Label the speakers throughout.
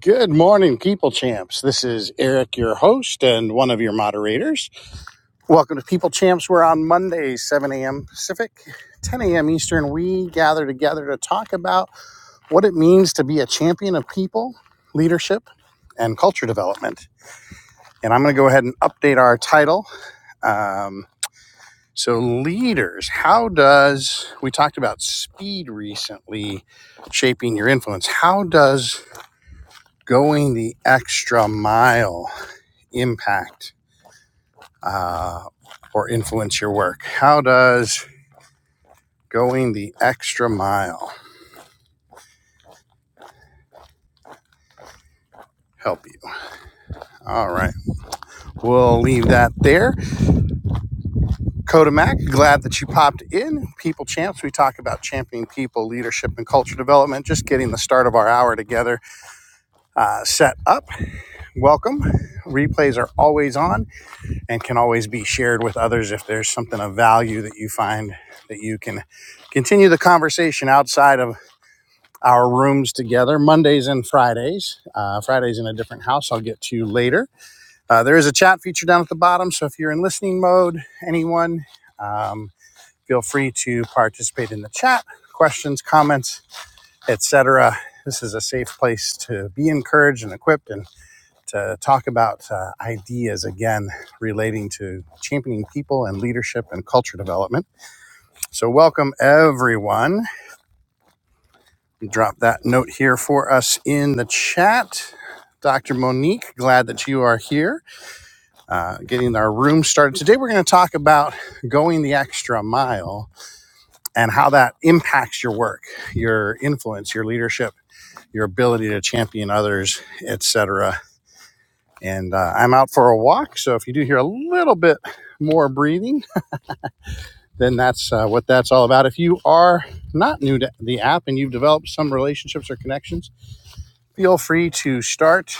Speaker 1: Good morning, People Champs. This is Eric, your host and one of your moderators. Welcome to People Champs. We're on Monday, 7 a.m. Pacific, 10 a.m. Eastern. We gather together to talk about what it means to be a champion of people, leadership, and culture development. And I'm going to go ahead and update our title. Um, so, leaders, how does, we talked about speed recently shaping your influence. How does going the extra mile impact uh, or influence your work? How does going the extra mile help you? All right, we'll leave that there. Kodamak, glad that you popped in. People Champs, we talk about championing people, leadership, and culture development, just getting the start of our hour together uh, set up. Welcome. Replays are always on and can always be shared with others if there's something of value that you find that you can continue the conversation outside of our rooms together Mondays and Fridays. Uh, Fridays in a different house. I'll get to you later. Uh, there is a chat feature down at the bottom. So if you're in listening mode, anyone, um, feel free to participate in the chat, questions, comments, etc. This is a safe place to be encouraged and equipped and to talk about uh, ideas again relating to championing people and leadership and culture development. So, welcome everyone. Drop that note here for us in the chat. Dr. Monique, glad that you are here. Uh, getting our room started. Today, we're going to talk about going the extra mile and how that impacts your work, your influence, your leadership, your ability to champion others, etc. And uh, I'm out for a walk, so if you do hear a little bit more breathing, then that's uh, what that's all about. If you are not new to the app and you've developed some relationships or connections, feel free to start.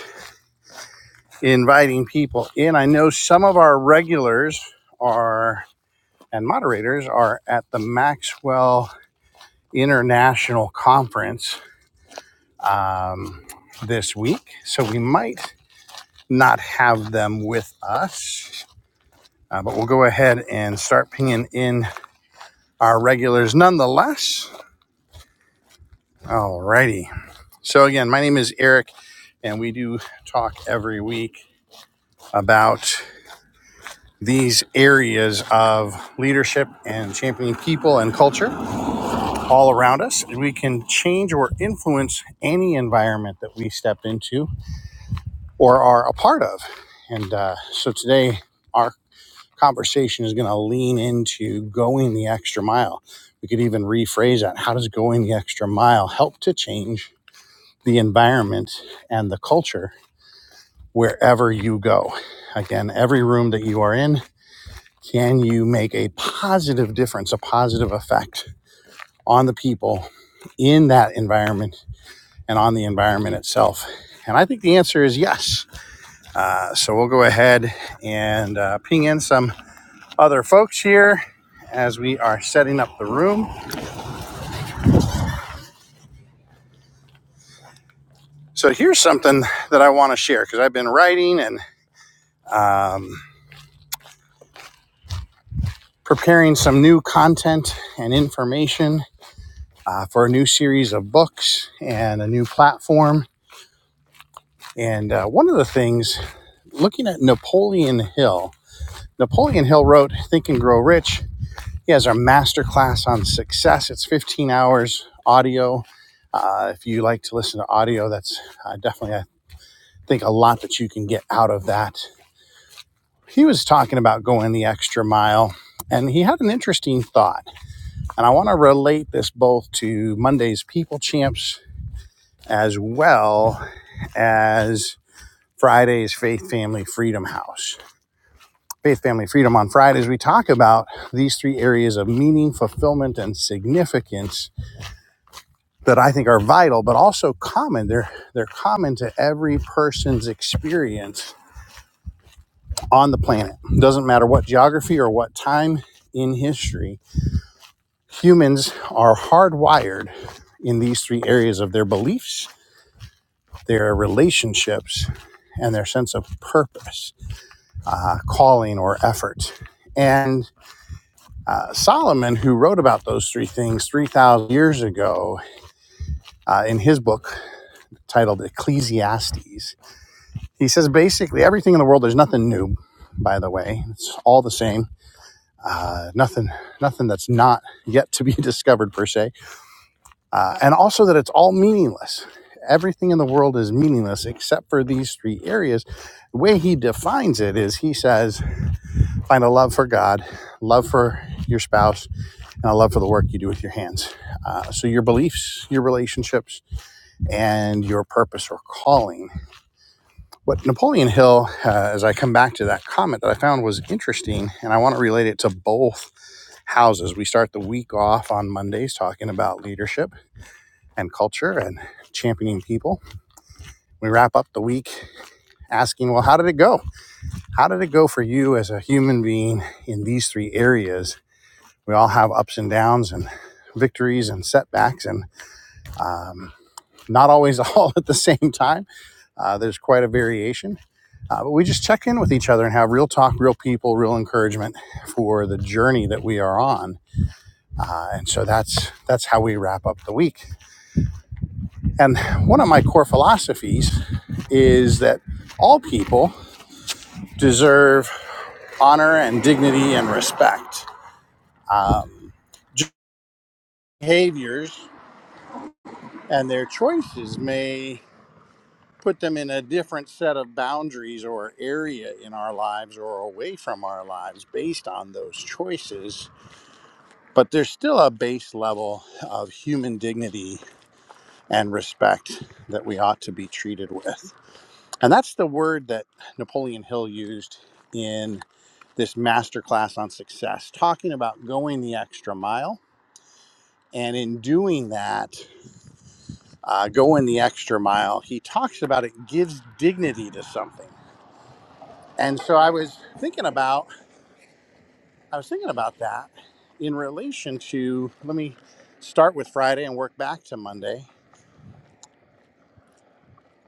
Speaker 1: inviting people in. I know some of our regulars are and moderators are at the Maxwell International Conference um, this week, so we might not have them with us. Uh, but we'll go ahead and start pinging in our regulars nonetheless. Alrighty. So again, my name is Eric, and we do talk every week about these areas of leadership and championing people and culture all around us. We can change or influence any environment that we step into or are a part of. And uh, so today, our conversation is going to lean into going the extra mile. We could even rephrase that. How does going the extra mile help to change the environment and the culture wherever you go? Again, every room that you are in Can you make a positive difference, a positive effect on the people in that environment and on the environment itself? And I think the answer is yes. Uh, so we'll go ahead and uh, ping in some other folks here as we are setting up the room. So here's something that I want to share because I've been writing and um, preparing some new content and information uh, for a new series of books and a new platform. And uh, one of the things looking at Napoleon Hill, Napoleon Hill wrote Think and Grow Rich. He has our masterclass on success. It's 15 hours audio. Uh, if you like to listen to audio, that's uh, definitely, I think, a lot that you can get out of that. He was talking about going the extra mile, and he had an interesting thought. And I want to relate this both to Monday's People Champs as well as Friday's Faith Family Freedom House Faith, Family, Freedom on Fridays, we talk about these three areas of meaning, fulfillment, and significance that I think are vital, but also common. They're, they're common to every person's experience on the planet. It Doesn't matter what geography or what time in history, humans are hardwired in these three areas of their beliefs, their relationships, and their sense of purpose, uh, calling, or effort. And Uh, Solomon, who wrote about those three things 3,000 years ago uh, in his book titled Ecclesiastes, he says basically everything in the world, there's nothing new, by the way. It's all the same. Uh, nothing, nothing that's not yet to be discovered per se, uh, and also that it's all meaningless. Everything in the world is meaningless except for these three areas. The way he defines it is he says, find a love for God, love for your spouse, and I love for the work you do with your hands. Uh, so, your beliefs, your relationships, and your purpose or calling. What Napoleon Hill, uh, as I come back to that comment that I found was interesting, and I want to relate it to both houses. We start the week off on Mondays talking about leadership and culture and championing people. We wrap up the week asking, well, how did it go? How did it go for you as a human being in these three areas? We all have ups and downs and victories and setbacks and um, not always all at the same time. Uh, there's quite a variation. Uh, but we just check in with each other and have real talk, real people, real encouragement for the journey that we are on. Uh, and so that's that's how we wrap up the week. And one of my core philosophies is that all people deserve honor and dignity and respect. Um, behaviors and their choices may put them in a different set of boundaries or area in our lives or away from our lives based on those choices. But there's still a base level of human dignity and respect that we ought to be treated with. And that's the word that Napoleon Hill used in this masterclass on success, talking about going the extra mile. And in doing that, uh, going the extra mile, he talks about it gives dignity to something And so I was thinking about I was thinking about that in relation to let me start with Friday and work back to Monday.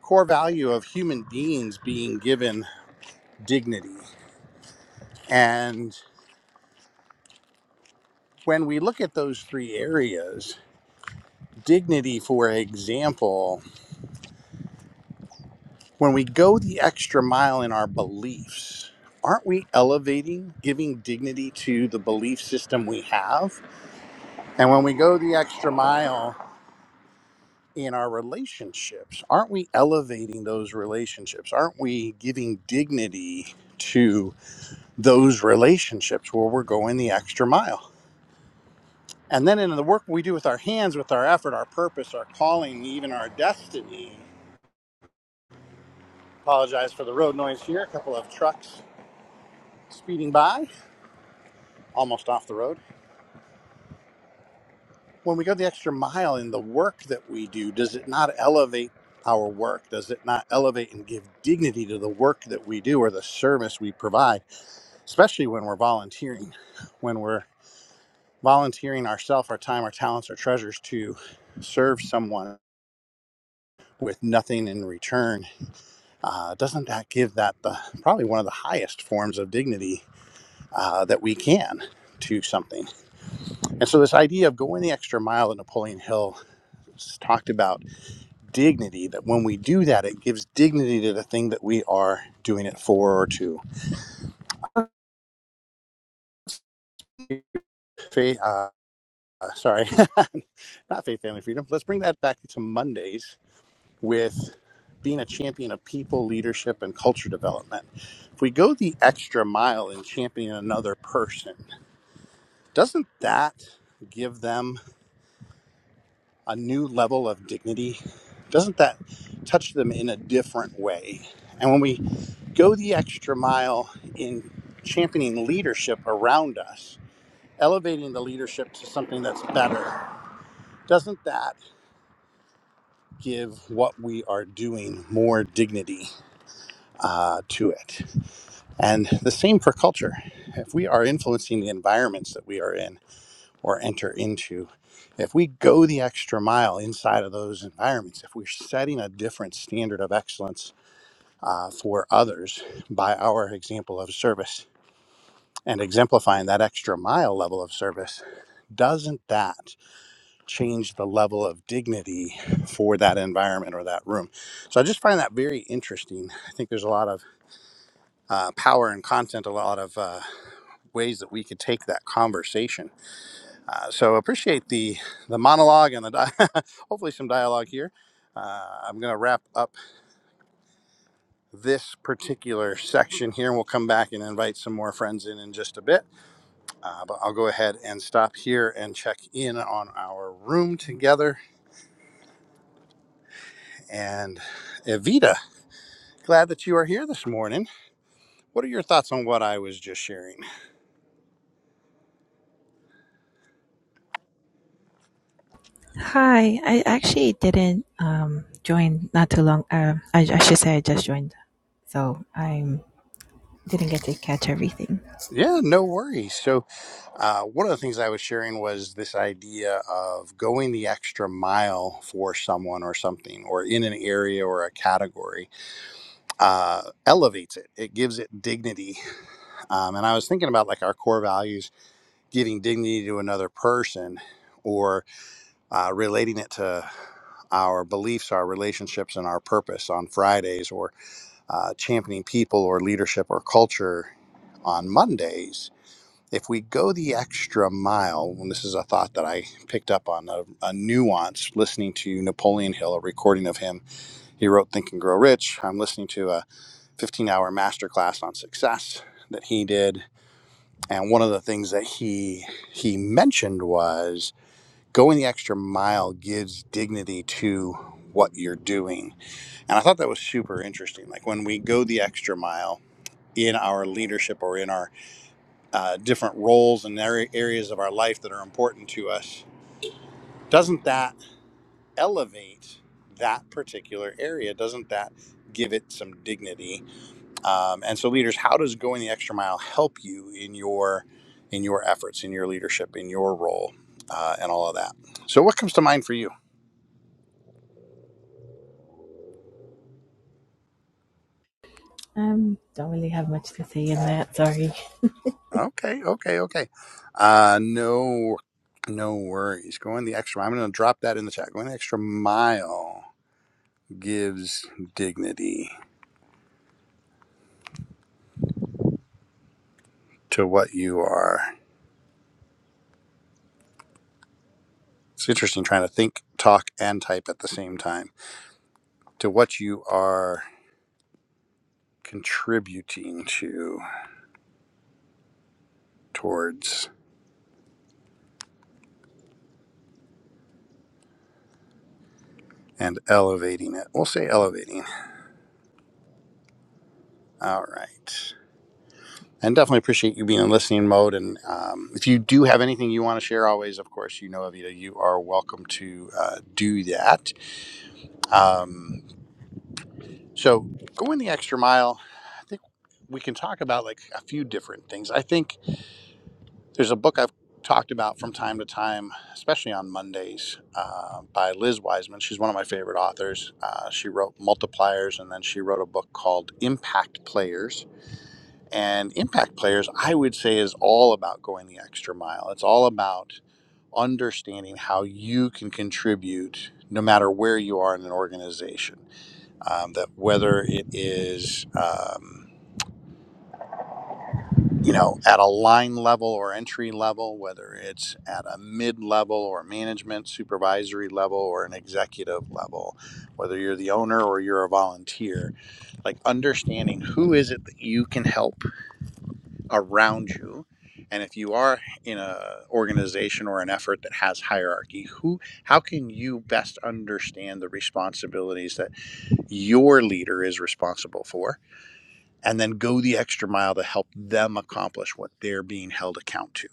Speaker 1: Core value of human beings being given dignity. And when we look at those three areas, dignity for example, when we go the extra mile in our beliefs, aren't we elevating, giving dignity to the belief system we have? And when we go the extra mile in our relationships? Aren't we elevating those relationships? Aren't we giving dignity to those relationships where we're going the extra mile? And then in the work we do with our hands, with our effort, our purpose, our calling, even our destiny. Apologize for the road noise here. A couple of trucks speeding by, almost off the road. When we go the extra mile in the work that we do, does it not elevate our work? Does it not elevate and give dignity to the work that we do or the service we provide? especially when we're volunteering, when we're volunteering ourself, our time, our talents, our treasures to serve someone with nothing in return, uh, doesn't that give that the probably one of the highest forms of dignity uh, that we can to something? And so this idea of going the extra mile that Napoleon Hill talked about dignity that when we do that it gives dignity to the thing that we are doing it for or to faith uh, sorry not faith family freedom let's bring that back to mondays with being a champion of people, leadership, and culture development. If we go the extra mile in championing another person, doesn't that give them a new level of dignity? Doesn't that touch them in a different way? And when we go the extra mile in championing leadership around us, elevating the leadership to something that's better, doesn't that give what we are doing more dignity uh, to it? And the same for culture. If we are influencing the environments that we are in or enter into, if we go the extra mile inside of those environments, if we're setting a different standard of excellence uh, for others by our example of service and exemplifying that extra mile level of service, doesn't that change the level of dignity for that environment or that room? So I just find that very interesting. I think there's a lot of uh, power and content, a lot of uh, ways that we could take that conversation. Uh, so appreciate the the monologue and the di- hopefully some dialogue here. Uh, I'm going to wrap up this particular section here, and we'll come back and invite some more friends in in just a bit. Uh, but I'll go ahead and stop here and check in on our room together. And Evita, glad that you are here this morning. What are your thoughts on what I was just sharing?
Speaker 2: Hi, I actually didn't um, join not too long. Um, I, I should say I just joined, so I didn't get to catch everything.
Speaker 1: Yeah, no worries. So, uh, one of the things I was sharing was this idea of going the extra mile for someone or something, or in an area or a category, uh, elevates it. It gives it dignity. Um, and I was thinking about like our core values, giving dignity to another person, or uh, relating it to our beliefs, our relationships, and our purpose on Fridays, or uh, championing people or leadership or culture on Mondays if we go the extra mile, and this is a thought that I picked up on a, a nuance listening to Napoleon Hill, a recording of him. He wrote Think and Grow Rich. I'm listening to a 15 hour masterclass on success that he did. And one of the things that he he mentioned was going the extra mile gives dignity to what you're doing. And I thought that was super interesting. Like when we go the extra mile in our leadership or in our uh, different roles and areas of our life that are important to us, doesn't that elevate that particular area? Doesn't that give it some dignity? Um, and so, leaders, how does going the extra mile help you in your in your efforts, in your leadership, in your role, uh, and all of that? So, what comes to mind for you?
Speaker 2: Um, don't really have much to say in that. Sorry.
Speaker 1: Okay, okay, okay. Uh, no, no worries. Going the extra. mile. I'm going to drop that in the chat. Going the extra mile gives dignity to what you are. It's interesting trying to think, talk, and type at the same time to what you are contributing to towards and elevating it. We'll say elevating. All right. And definitely appreciate you being in listening mode. And um, if you do have anything you want to share, always, of course, you know, Avita, you are welcome to uh, do that. Um, so going the extra mile, I think we can talk about like a few different things. I think There's a book I've talked about from time to time, especially on Mondays, uh, by Liz Wiseman. She's one of my favorite authors. Uh, she wrote Multipliers, and then she wrote a book called Impact Players. And Impact Players, I would say, is all about going the extra mile. It's all about understanding how you can contribute no matter where you are in an organization. Um, that whether it is, um, you know, at a line level or entry level, whether it's at a mid level or management supervisory level or an executive level, whether you're the owner or you're a volunteer, like understanding who is it that you can help around you. And if you are in a organization or an effort that has hierarchy, who how can you best understand the responsibilities that your leader is responsible for? and then go the extra mile to help them accomplish what they're being held account to.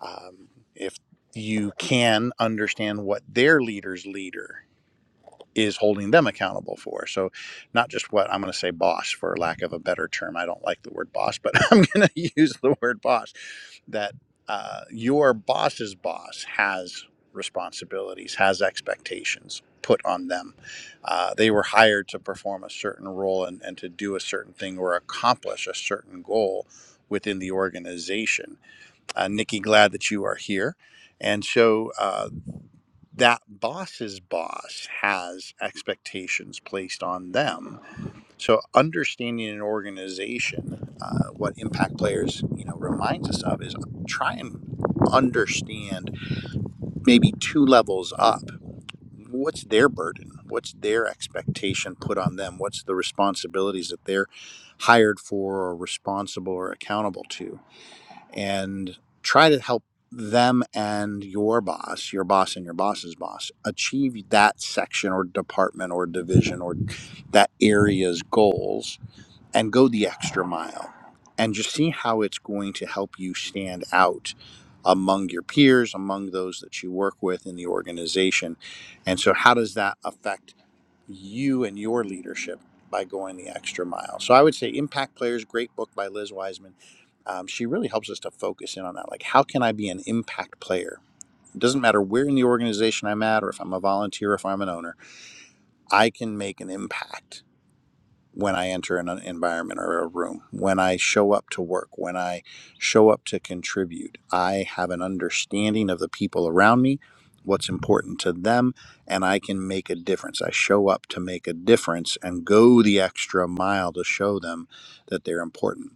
Speaker 1: Um, if you can understand what their leader's leader is holding them accountable for. So, not just what I'm going to say boss, for lack of a better term. I don't like the word boss, but I'm going to use the word boss that uh, your boss's boss has responsibilities, has expectations put on them. Uh, they were hired to perform a certain role and, and to do a certain thing or accomplish a certain goal within the organization. Uh, Nikki, glad that you are here. And so, uh, that boss's boss has expectations placed on them. So understanding an organization, uh, what impact players you know reminds us of is try and understand maybe two levels up. What's their burden? What's their expectation put on them? What's the responsibilities that they're hired for or responsible or accountable to? and try to help them and your boss, your boss and your boss's boss, achieve that section or department or division or that area's goals and go the extra mile and just see how it's going to help you stand out among your peers, among those that you work with in the organization. And so, how does that affect? you and your leadership by going the extra mile. So I would say Impact Players, great book by Liz Wiseman. Um, she really helps us to focus in on that. Like, how can I be an impact player? It doesn't matter where in the organization I'm at, or if I'm a volunteer, or if I'm an owner, I can make an impact when I enter an environment or a room, when I show up to work, when I show up to contribute, I have an understanding of the people around me, what's important to them, and I can make a difference. I show up to make a difference and go the extra mile to show them that they're important.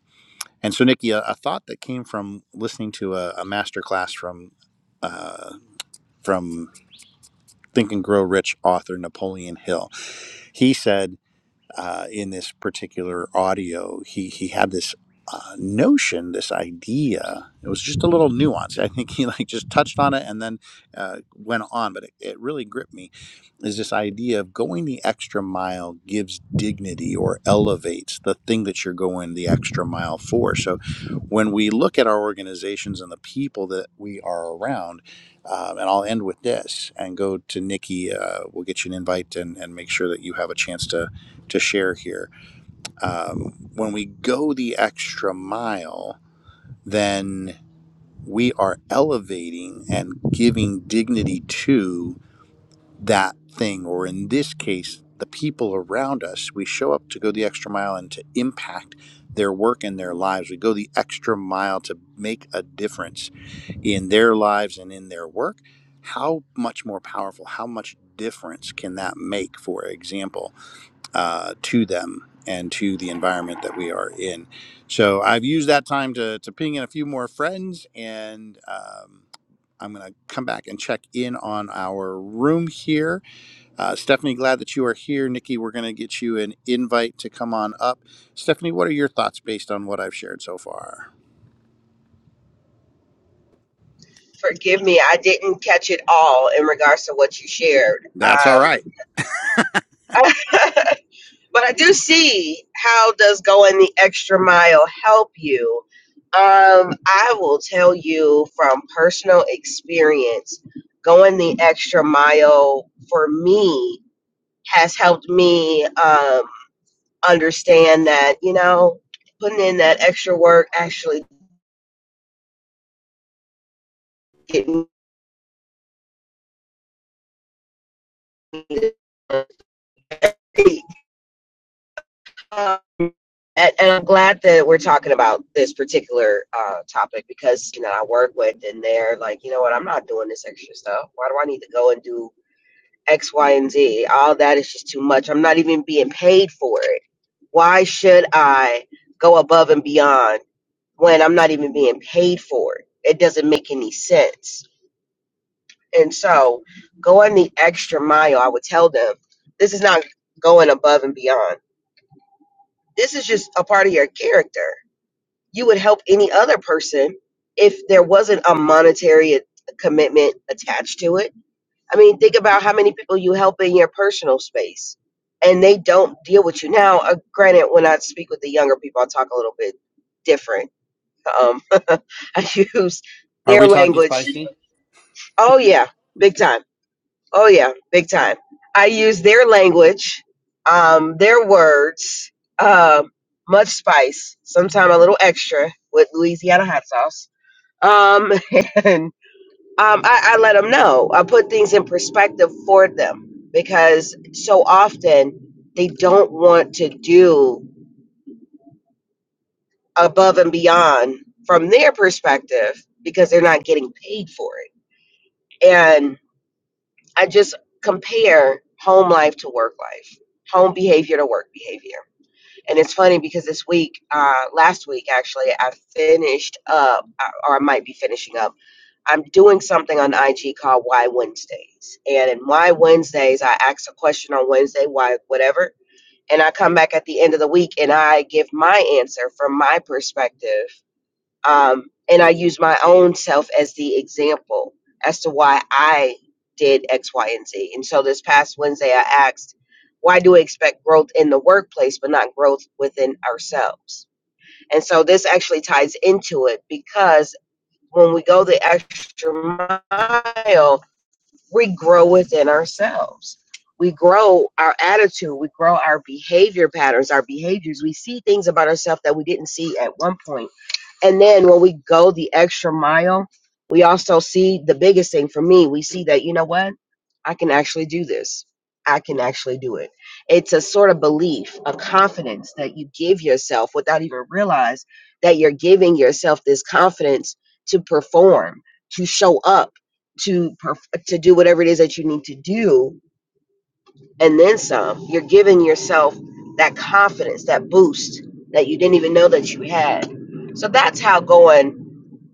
Speaker 1: And so, Nikki, a, a thought that came from listening to a, a master from uh, from Think and Grow Rich author Napoleon Hill. He said uh, in this particular audio, he he had this uh, notion, this idea. It was just a little nuance. I think he like just touched on it and then uh, went on, but it, it really gripped me. Is this idea of going the extra mile gives dignity or elevates the thing that you're going the extra mile for? So, when we look at our organizations and the people that we are around, um, and I'll end with this and go to Nikki. Uh, we'll get you an invite and, and make sure that you have a chance to to share here. Um, when we go the extra mile, then we are elevating and giving dignity to that thing, or in this case, the people around us. We show up to go the extra mile and to impact their work and their lives. We go the extra mile to make a difference in their lives and in their work. How much more powerful, how much difference can that make, for example? uh, to them and to the environment that we are in. So I've used that time to, to ping in a few more friends, and um, I'm going to come back and check in on our room here. Uh, Stephanie, glad that you are here. Nikki, we're going to get you an invite to come on up. Stephanie, what are your thoughts based on what I've shared so far?
Speaker 3: Forgive me, I didn't catch it all in regards to what you shared.
Speaker 1: That's all right.
Speaker 3: Um, but I do see how does going the extra mile help you. Um, I will tell you from personal experience, going the extra mile for me has helped me um, understand that you know putting in that extra work actually getting me to speak. Um, and, and I'm glad that we're talking about this particular uh, topic because you know I work with and they're like, you know what, I'm not doing this extra stuff. Why do I need to go and do X, Y, and Z? All that is just too much. I'm not even being paid for it. Why should I go above and beyond when I'm not even being paid for it? It doesn't make any sense. And so, going the extra mile, I would tell them, this is not going above and beyond. This is just a part of your character you would help any other person if there wasn't a monetary a- commitment attached to it. I mean, think about how many people you help in your personal space and they don't deal with you. Now, uh, granted, when I speak with the younger people, I talk a little bit different. Um, I use
Speaker 1: Are
Speaker 3: their
Speaker 1: we talking
Speaker 3: language.
Speaker 1: spicy?
Speaker 3: Oh,
Speaker 1: Well,
Speaker 3: yeah, big time. Oh, yeah, big time. I use their language, um, their words, um, much spice, sometimes a little extra with Louisiana hot sauce um, and um, I, I let them know. I put things in perspective for them because so often they don't want to do above and beyond from their perspective because they're not getting paid for it. And I just compare home life to work life, home behavior to work behavior. And it's funny because this week, uh, last week actually, I finished up, or I might be finishing up I'm doing something on IG called Why Wednesdays. And in Why Wednesdays, I ask a question on Wednesday, why, whatever. And I come back at the end of the week and I give my answer from my perspective. Um, and I use my own self as the example as to why I did X, Y, and Z. And so this past Wednesday, I asked, why do we expect growth in the workplace, but not growth within ourselves? And so this actually ties into it because when we go the extra mile, we grow within ourselves. We grow our attitude, we grow our behavior patterns, our behaviors. We see things about ourselves that we didn't see at one point. And then when we go the extra mile, we also see the biggest thing for me, we see that, you know what? I can actually do this. I can actually do it. It's a sort of belief, a confidence that you give yourself without even realize that you're giving yourself this confidence to perform, to show up to perf- to do whatever it is that you need to do and then some you're giving yourself that confidence that boost that you didn't even know that you had so that's how going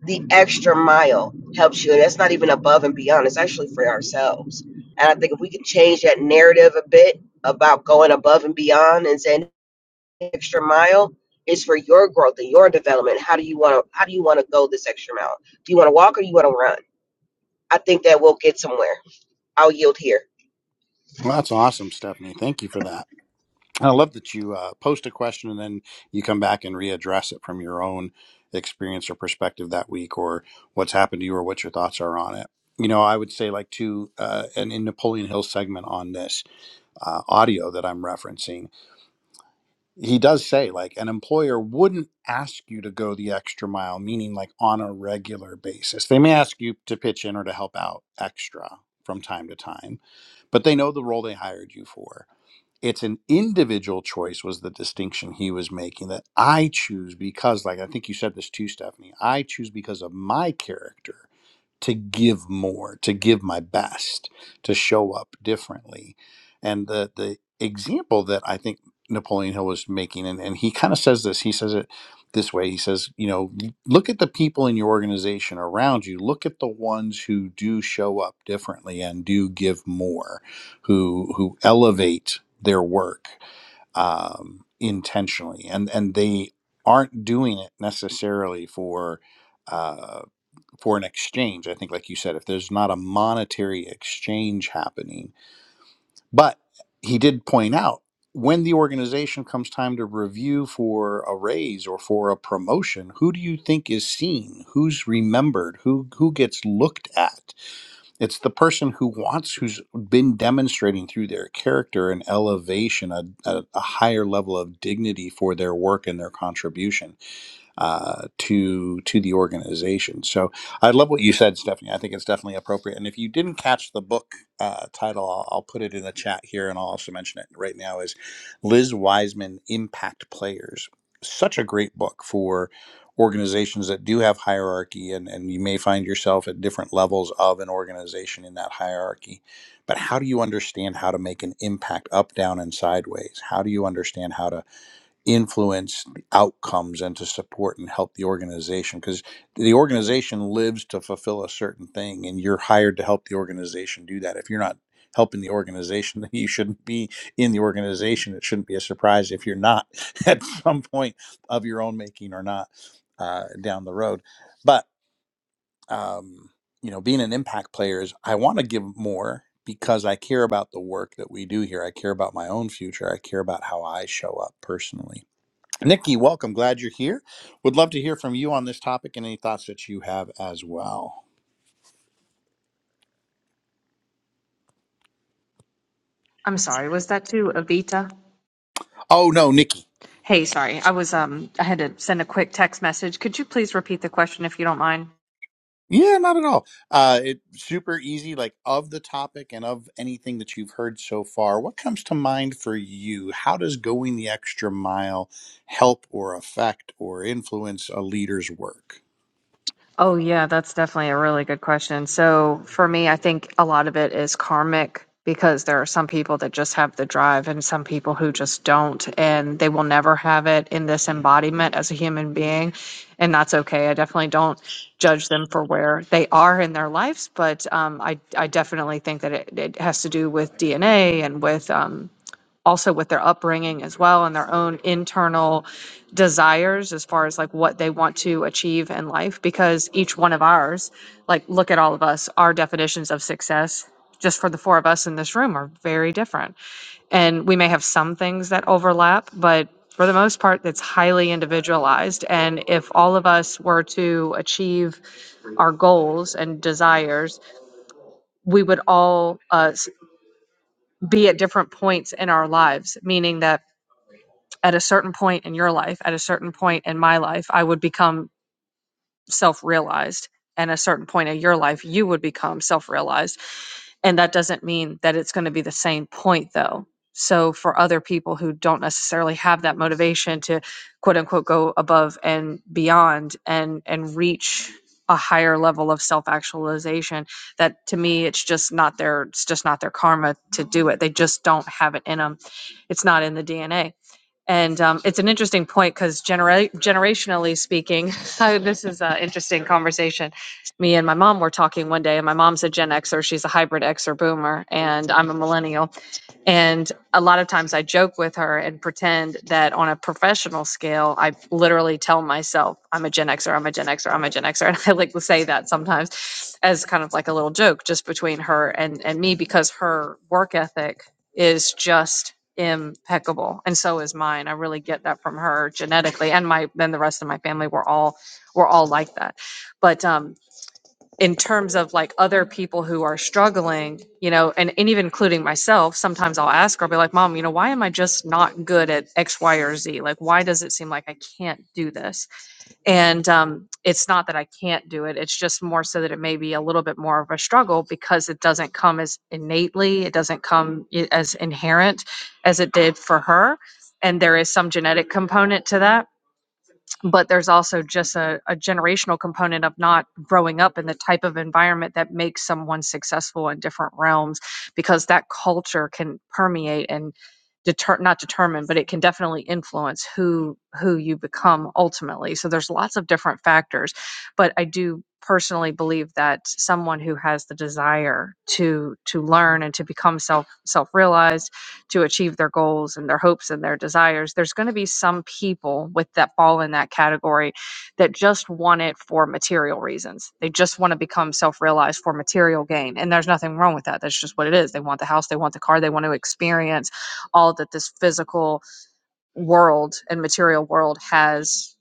Speaker 3: the extra mile helps you and that's not even above and beyond it's actually for ourselves and i think if we can change that narrative a bit about going above and beyond and saying extra mile is for your growth and your development how do you want to how do you want to go this extra mile do you want to walk or do you want to run i think that we'll get somewhere i'll yield here
Speaker 1: that's awesome, Stephanie. Thank you for that. I love that you uh, post a question and then you come back and readdress it from your own experience or perspective that week, or what's happened to you, or what your thoughts are on it. You know, I would say like to uh, an in Napoleon Hill segment on this uh, audio that I'm referencing. he does say like an employer wouldn't ask you to go the extra mile meaning like on a regular basis they may ask you to pitch in or to help out extra from time to time but they know the role they hired you for it's an individual choice was the distinction he was making that i choose because like i think you said this too stephanie i choose because of my character to give more, to give my best, to show up differently. And the the example that I think Napoleon Hill was making, and, and he kind of says this, he says it this way. He says, you know, look at the people in your organization around you. Look at the ones who do show up differently and do give more, who who elevate their work um, intentionally, and and they aren't doing it necessarily for. uh, for an exchange. I think, like you said, if there's not a monetary exchange happening, but he did point out when the organization comes time to review for a raise or for a promotion, who do you think is seen? Who's remembered? Who who gets looked at? It's the person who wants, who's been demonstrating through their character an elevation, a, a, a higher level of dignity for their work and their contribution uh, to to the organization. So I love what you said, Stephanie. I think it's definitely appropriate. And if you didn't catch the book uh, title, I'll, I'll put it in the chat here, and I'll also mention it right now. Is Liz Wiseman Impact Players? Such a great book for organizations that do have hierarchy and, and you may find yourself at different levels of an organization in that hierarchy but how do you understand how to make an impact up down and sideways how do you understand how to influence the outcomes and to support and help the organization because the organization lives to fulfill a certain thing and you're hired to help the organization do that if you're not helping the organization then you shouldn't be in the organization it shouldn't be a surprise if you're not at some point of your own making or not uh, down the road but um, you know being an impact player is i want to give more because i care about the work that we do here i care about my own future i care about how i show up personally Nikki, welcome. Glad you're here. Would love to hear from you on this topic and any thoughts that you have as well.
Speaker 4: I'm sorry, was that to Avita?
Speaker 1: Oh, no, Nikki.
Speaker 4: Hey, sorry. I was um I had to send a quick text message. Could you please repeat the question if you don't mind?
Speaker 1: Yeah, not at all. Uh, it super easy, like of the topic and of anything that you've heard so far. What comes to mind for you? How does going the extra mile help or affect or influence a leader's work?
Speaker 4: Oh yeah, that's definitely a really good question. So for me, I think a lot of it is karmic because there are some people that just have the drive and some people who just don't and they will never have it in this embodiment as a human being and that's okay. I definitely don't judge them for where they are in their lives, but um, I, I definitely think that it, it has to do with DNA and with um, also with their upbringing as well and their own internal desires as far as like what they want to achieve in life because each one of ours like look at all of us our definitions of success just for the four of us in this room are very different and we may have some things that overlap but for the most part it's highly individualized and if all of us were to achieve our goals and desires we would all uh, s- be at different points in our lives meaning that at a certain point in your life, at a certain point in my life, I would become self realized. And at a certain point in your life, you would become self realized. And that doesn't mean that it's going to be the same point, though. So, for other people who don't necessarily have that motivation to quote unquote go above and beyond and, and reach a higher level of self actualization, that to me, it's just not their, it's just not their karma to do it. They just don't have it in them. It's not in the DNA and um, it's an interesting point because genera- generationally speaking, I- this is an interesting conversation. Me and my mom were talking one day, and my mom's a Gen Xer. She's a hybrid Xer boomer, and I'm a millennial. And a lot of times I joke with her and pretend that on a professional scale, I literally tell myself, I'm a Gen Xer, I'm a Gen Xer, I'm a Gen Xer. And I like to say that sometimes as kind of like a little joke just between her and, and me because her work ethic is just impeccable. And so is mine. I really get that from her genetically. And my then the rest of my family we're all we're all like that. But um in terms of like other people who are struggling, you know, and, and even including myself, sometimes I'll ask her, I'll be like, Mom, you know, why am I just not good at X, Y, or Z? Like, why does it seem like I can't do this? And um, it's not that I can't do it, it's just more so that it may be a little bit more of a struggle because it doesn't come as innately, it doesn't come i- as inherent as it did for her. And there is some genetic component to that but there's also just a, a generational component of not growing up in the type of environment that makes someone successful in different realms because that culture can permeate and deter not determine but it can definitely influence who who you become ultimately so there's lots of different factors but i do personally believe that someone who has the desire to to learn and to become self self realized to achieve their goals and their hopes and their desires, there's going to be some people with that fall in that category that just want it for material reasons. They just want to become self realized for material gain. And there's nothing wrong with that. That's just what it is. They want the house, they want the car, they want to experience all that this physical world and material world has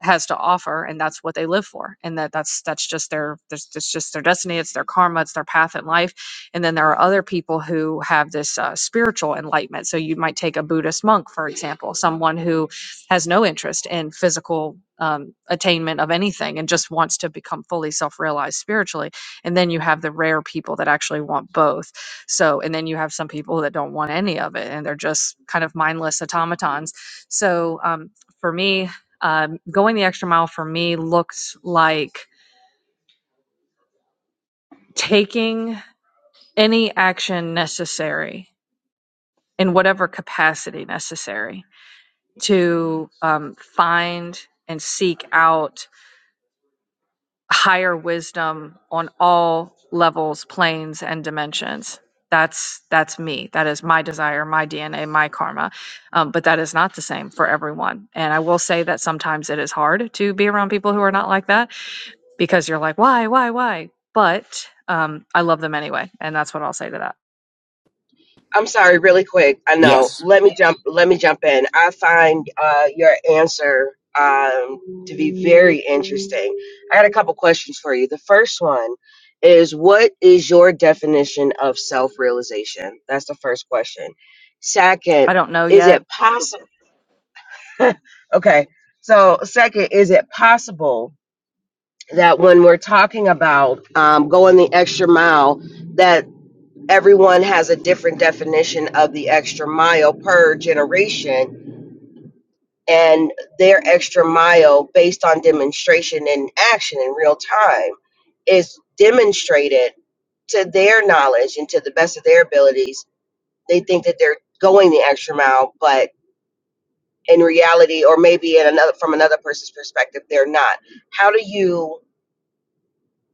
Speaker 4: has to offer and that's what they live for and that that's that's just their that's, that's just their destiny it's their karma it's their path in life and then there are other people who have this uh, spiritual enlightenment so you might take a buddhist monk for example someone who has no interest in physical um, attainment of anything and just wants to become fully self-realized spiritually and then you have the rare people that actually want both so and then you have some people that don't want any of it and they're just kind of mindless automatons so um, for me, um, going the extra mile for me looks like taking any action necessary in whatever capacity necessary to um, find and seek out higher wisdom on all levels, planes, and dimensions. That's that's me. That is my desire, my DNA, my karma. Um, but that is not the same for everyone. And I will say that sometimes it is hard to be around people who are not like that because you're like, why, why, why? But um, I love them anyway. And that's what I'll say to that.
Speaker 3: I'm sorry, really quick. I know.
Speaker 1: Yes.
Speaker 3: Let me jump. Let me jump in. I find uh, your answer um, to be very interesting. I got a couple questions for you. The first one is, what is your definition of self-realization? That's the first question. Second,
Speaker 4: I don't know
Speaker 3: is
Speaker 4: yet.
Speaker 3: it possible? okay. So, second, is it possible that when we're talking about um, going the extra mile? that everyone has a different definition of the extra mile per generation and their extra mile based on demonstration and action in real time is demonstrated to their knowledge and to the best of their abilities they think that they're going the extra mile but in reality or maybe in another from another person's perspective they're not how do you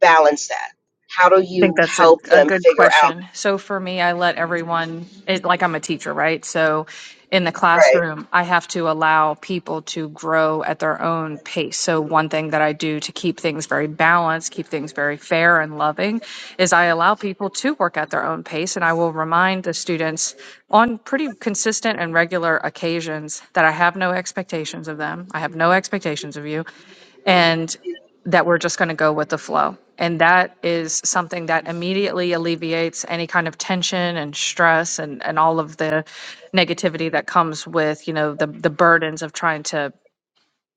Speaker 3: balance that how do
Speaker 4: I think
Speaker 3: you
Speaker 4: that's a,
Speaker 3: help
Speaker 4: a
Speaker 3: them
Speaker 4: good
Speaker 3: figure out
Speaker 4: question. So for me, I let everyone, it, like I'm a teacher, right? So in the
Speaker 3: right
Speaker 4: classroom, I have to allow people to grow at their own pace. So one thing that I do to keep things very balanced, keep things very fair and loving, is I allow people to work at their own pace. And I will remind the students on pretty consistent and regular occasions that I have no expectations of them. I have no expectations of you and that we're just going to go with the flow. And that is something that immediately alleviates any kind of tension and stress and, and all of the negativity that comes with, you know, the, the burdens of trying to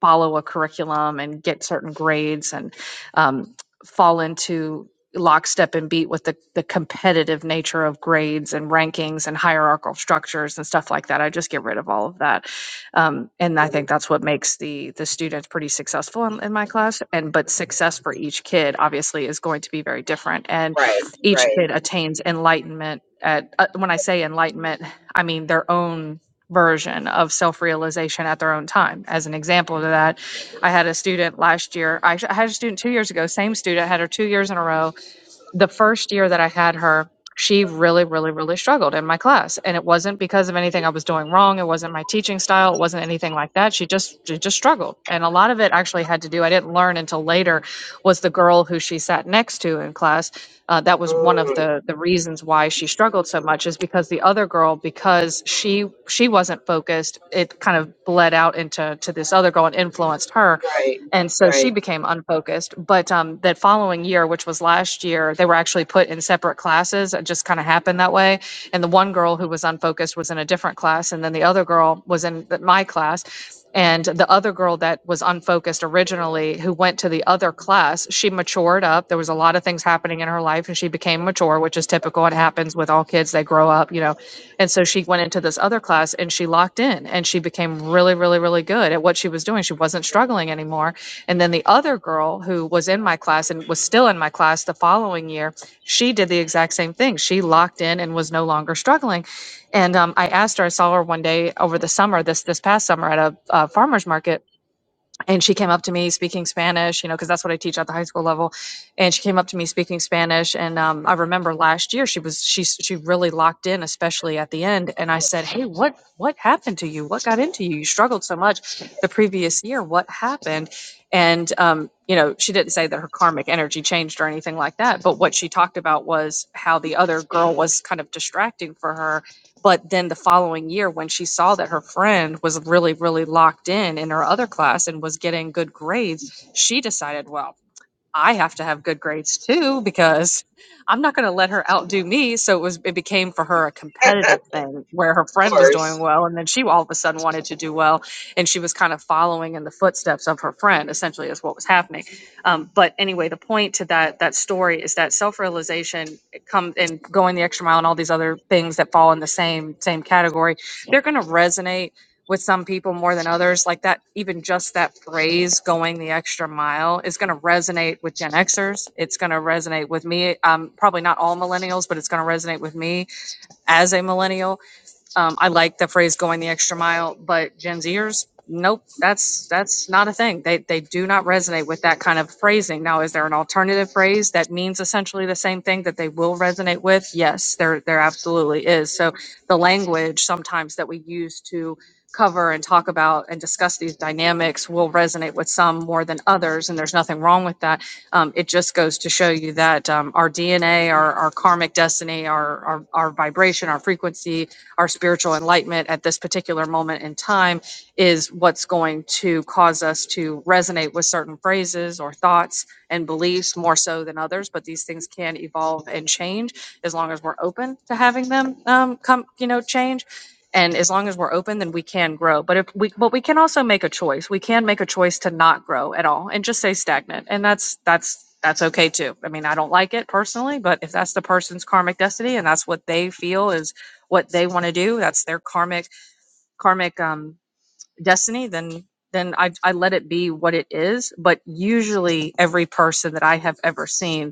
Speaker 4: follow a curriculum and get certain grades and um, fall into lockstep and beat with the, the competitive nature of grades and rankings and hierarchical structures and stuff like that. I just get rid of all of that. Um, and I think that's what makes the the students pretty successful in, in my class. And but success for each kid obviously is going to be very different. And
Speaker 3: right
Speaker 4: each
Speaker 3: right
Speaker 4: kid attains enlightenment at uh, when I say enlightenment, I mean their own version of self-realization at their own time. As an example of that, I had a student last year, I had a student two years ago, same student, had her two years in a row the first year that I had her, she really, really, really struggled in my class. And it wasn't because of anything I was doing wrong. It wasn't my teaching style. It wasn't anything like that. She just she just struggled. And a lot of it actually had to do, I didn't learn until later, was the girl who she sat next to in class. Uh, that was one of
Speaker 3: Mm.
Speaker 4: the the reasons why she struggled so much is because the other girl, because she she wasn't focused, it kind of bled out into to this other girl and influenced her
Speaker 3: Right,
Speaker 4: and so she
Speaker 3: right.
Speaker 4: became unfocused but um, that following year which was last year they were actually put in separate classes it just kind of happened that way and the one girl who was unfocused was in a different class and then the other girl was in th- my class and the other girl that was unfocused originally who went to the other class she she matured up. There was a lot of things happening in her life and she became mature, which is typical. It happens with all kids, they grow up, you know. And so she went into this other class and she locked in and she became really, really, really good at what she was doing. She wasn't struggling anymore. And then the other girl who was in my class and was still in my class the following year, she did the exact same thing. She locked in and was no longer struggling. And um, I asked her, I saw her one day over the summer, this this past summer at a uh, farmer's market and she came up to me speaking Spanish, you know, because that's what I teach at the high school level. And she came up to me speaking Spanish, and um, I remember last year she was she she really locked in, especially at the end. And I said, "Hey, what what happened to you? What got into you? You struggled so much the previous year. What happened?" And um, you know, she didn't say that her karmic energy changed or anything like that, but what she talked about was how the other girl was kind of distracting for her but then the following year, when she saw that her friend was really, really locked in in her other class and was getting good grades, she decided, well, I have to have good grades too because I'm not going to let her outdo me. So it was it became for her a
Speaker 3: of
Speaker 4: competitive thing where her friend was doing
Speaker 3: course.
Speaker 4: well and then she all of a sudden wanted to do well and she was kind of following in the footsteps of her friend essentially is what was happening. Um, but anyway, the point to that that story is that self-realization comes and going the extra mile and all these other things that fall in the same same category, they're going to resonate with some people more than others. Like that, even just that phrase, going the extra mile, is going to resonate with Gen Xers. It's going to resonate with me. Um, probably not all millennials, but it's going to resonate with me as a millennial um, I like the phrase going the extra mile, but Gen Zers, nope, that's, that's not a thing. They, they do not resonate with that kind of phrasing. Now, is there an alternative phrase that means essentially the same thing that they will resonate with? Yes, there, there absolutely is. So the language sometimes that we use to cover and talk about and discuss these dynamics will resonate with some more than others. And there's nothing wrong with that. Um, it just goes to show you that um, our DNA, our, our karmic destiny, our, our, our vibration, our frequency, our spiritual enlightenment at this particular moment in time is what's going to cause us to resonate with certain phrases or thoughts and beliefs more so than others but these things can evolve and change as long as we're open to having them um, come you know change and as long as we're open then we can grow but if we but we can also make a choice we can make a choice to not grow at all and just stay stagnant and that's that's that's okay too i mean i don't like it personally but if that's the person's karmic destiny and that's what they feel is what they want to do that's their karmic karmic um destiny then then I, I let it be what it is but usually every person that i have ever seen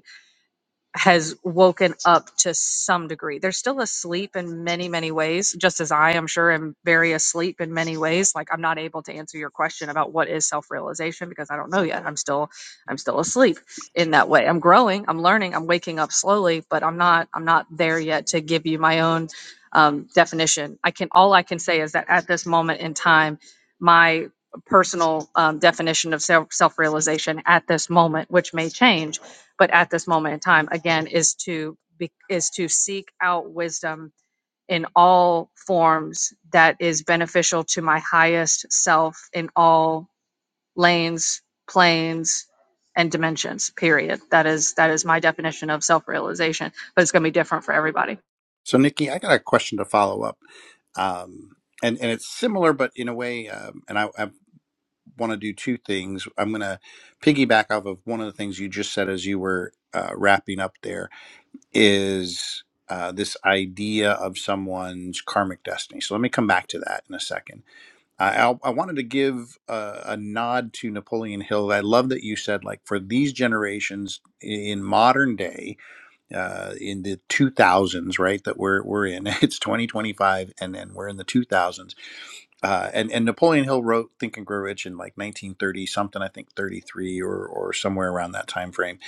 Speaker 4: has woken up to some degree. They're still asleep in many, many ways, just as I am sure am very asleep in many ways. Like I'm not able to answer your question about what is self-realization because I don't know yet. I'm still I'm still asleep in that way. I'm growing, I'm learning, I'm waking up slowly, but I'm not I'm not there yet to give you my own um, definition. I can all I can say is that at this moment in time, my personal um, definition of self self realization at this moment, which may change but at this moment in time again is to be, is to seek out wisdom in all forms that is beneficial to my highest self in all lanes planes and dimensions period that is that is my definition of self-realization but it's going to be different for everybody
Speaker 1: So, Nikki, I got a question to follow up, um, and and it's similar, but in a way, um, and I, I've want to do two things. I'm going to piggyback off of one of the things you just said as you were uh, wrapping up there is uh, this idea of someone's karmic destiny. So let me come back to that in a second. I, I'll- I wanted to give a, a nod to Napoleon Hill. I love that you said, like, for these generations in modern day, uh, in the 2000s, right, that we're, we're in, it's 2025, and then we're in the 2000s uh, and and Napoleon Hill wrote Think and Grow Rich in like 1930 something, I think 33 or or somewhere around that time frame.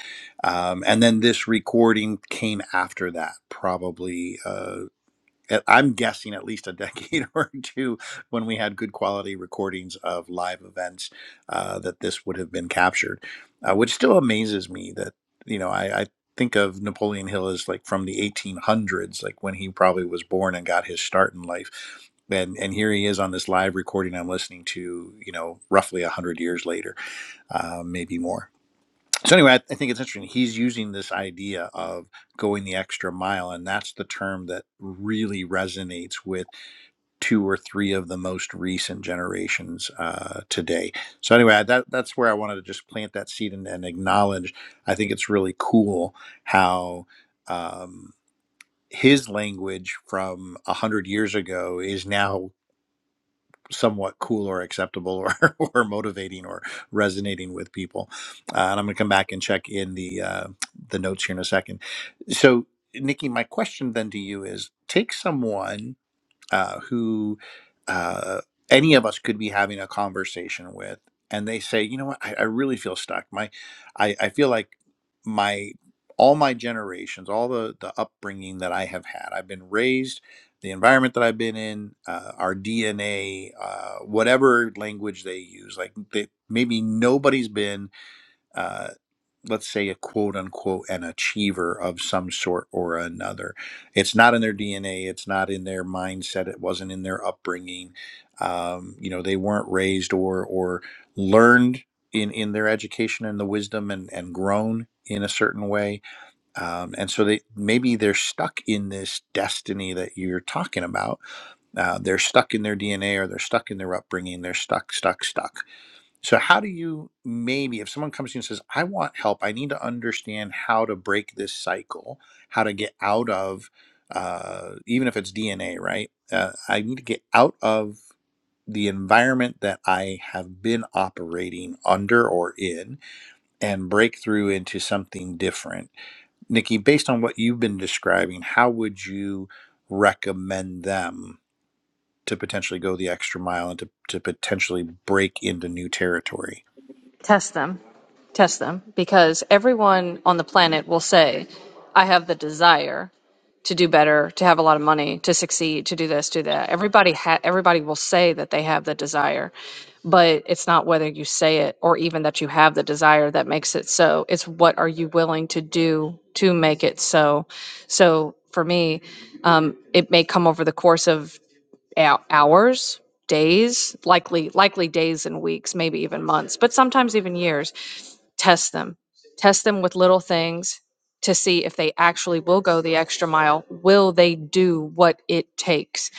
Speaker 1: Um, and then this recording came after that, probably. Uh, at- I'm guessing at least a decade or two when we had good quality recordings of live events uh, that this would have been captured, uh, which still amazes me that, you know, I, I think of Napoleon Hill as like from the 1800s, like when he probably was born and got his start in life. And, and here he is on this live recording I'm listening to, you know, roughly 100 years later, uh, maybe more. So anyway, I, I think it's interesting. He's using this idea of going the extra mile, and that's the term that really resonates with two or three of the most recent generations uh, today. So anyway, I, that that's where I wanted to just plant that seed and, and acknowledge. I think it's really cool how um, his language from a hundred years ago is now somewhat cool or acceptable or, or motivating or resonating with people. Uh, and I'm going to come back and check in the uh, the notes here in a second. So, Nikki, my question then to you is: Take someone uh, who uh, any of us could be having a conversation with, and they say, you know what, I, I really feel stuck. My, I, I feel like my all my generations, all the the upbringing that I have had, I've been raised, the environment that I've been in, uh, our DNA, uh, whatever language they use, like they, maybe nobody's been uh, let's say a quote unquote an achiever of some sort or another it's not in their dna it's not in their mindset it wasn't in their upbringing um, you know they weren't raised or or learned in in their education and the wisdom and and grown in a certain way um, and so they maybe they're stuck in this destiny that you're talking about uh, they're stuck in their dna or they're stuck in their upbringing they're stuck stuck stuck so, how do you maybe, if someone comes to you and says, I want help, I need to understand how to break this cycle, how to get out of, uh, even if it's DNA, right? Uh, I need to get out of the environment that I have been operating under or in and break through into something different. Nikki, based on what you've been describing, how would you recommend them? To potentially go the extra mile and to, to potentially break into new territory.
Speaker 4: test them test them because everyone on the planet will say i have the desire to do better, to have a lot of money, to succeed, to do this, do that. Everybody ha- everybody will say that they have the desire, but it's not whether you say it or even that you have the desire that makes it so. It's what are you willing to do to make it so. So for me, um, it may come over the course of hou- hours, days, likely likely days and weeks, maybe even months, but sometimes even years Test them. Test them with little things to see if they actually will go the extra mile. Will they do what it takes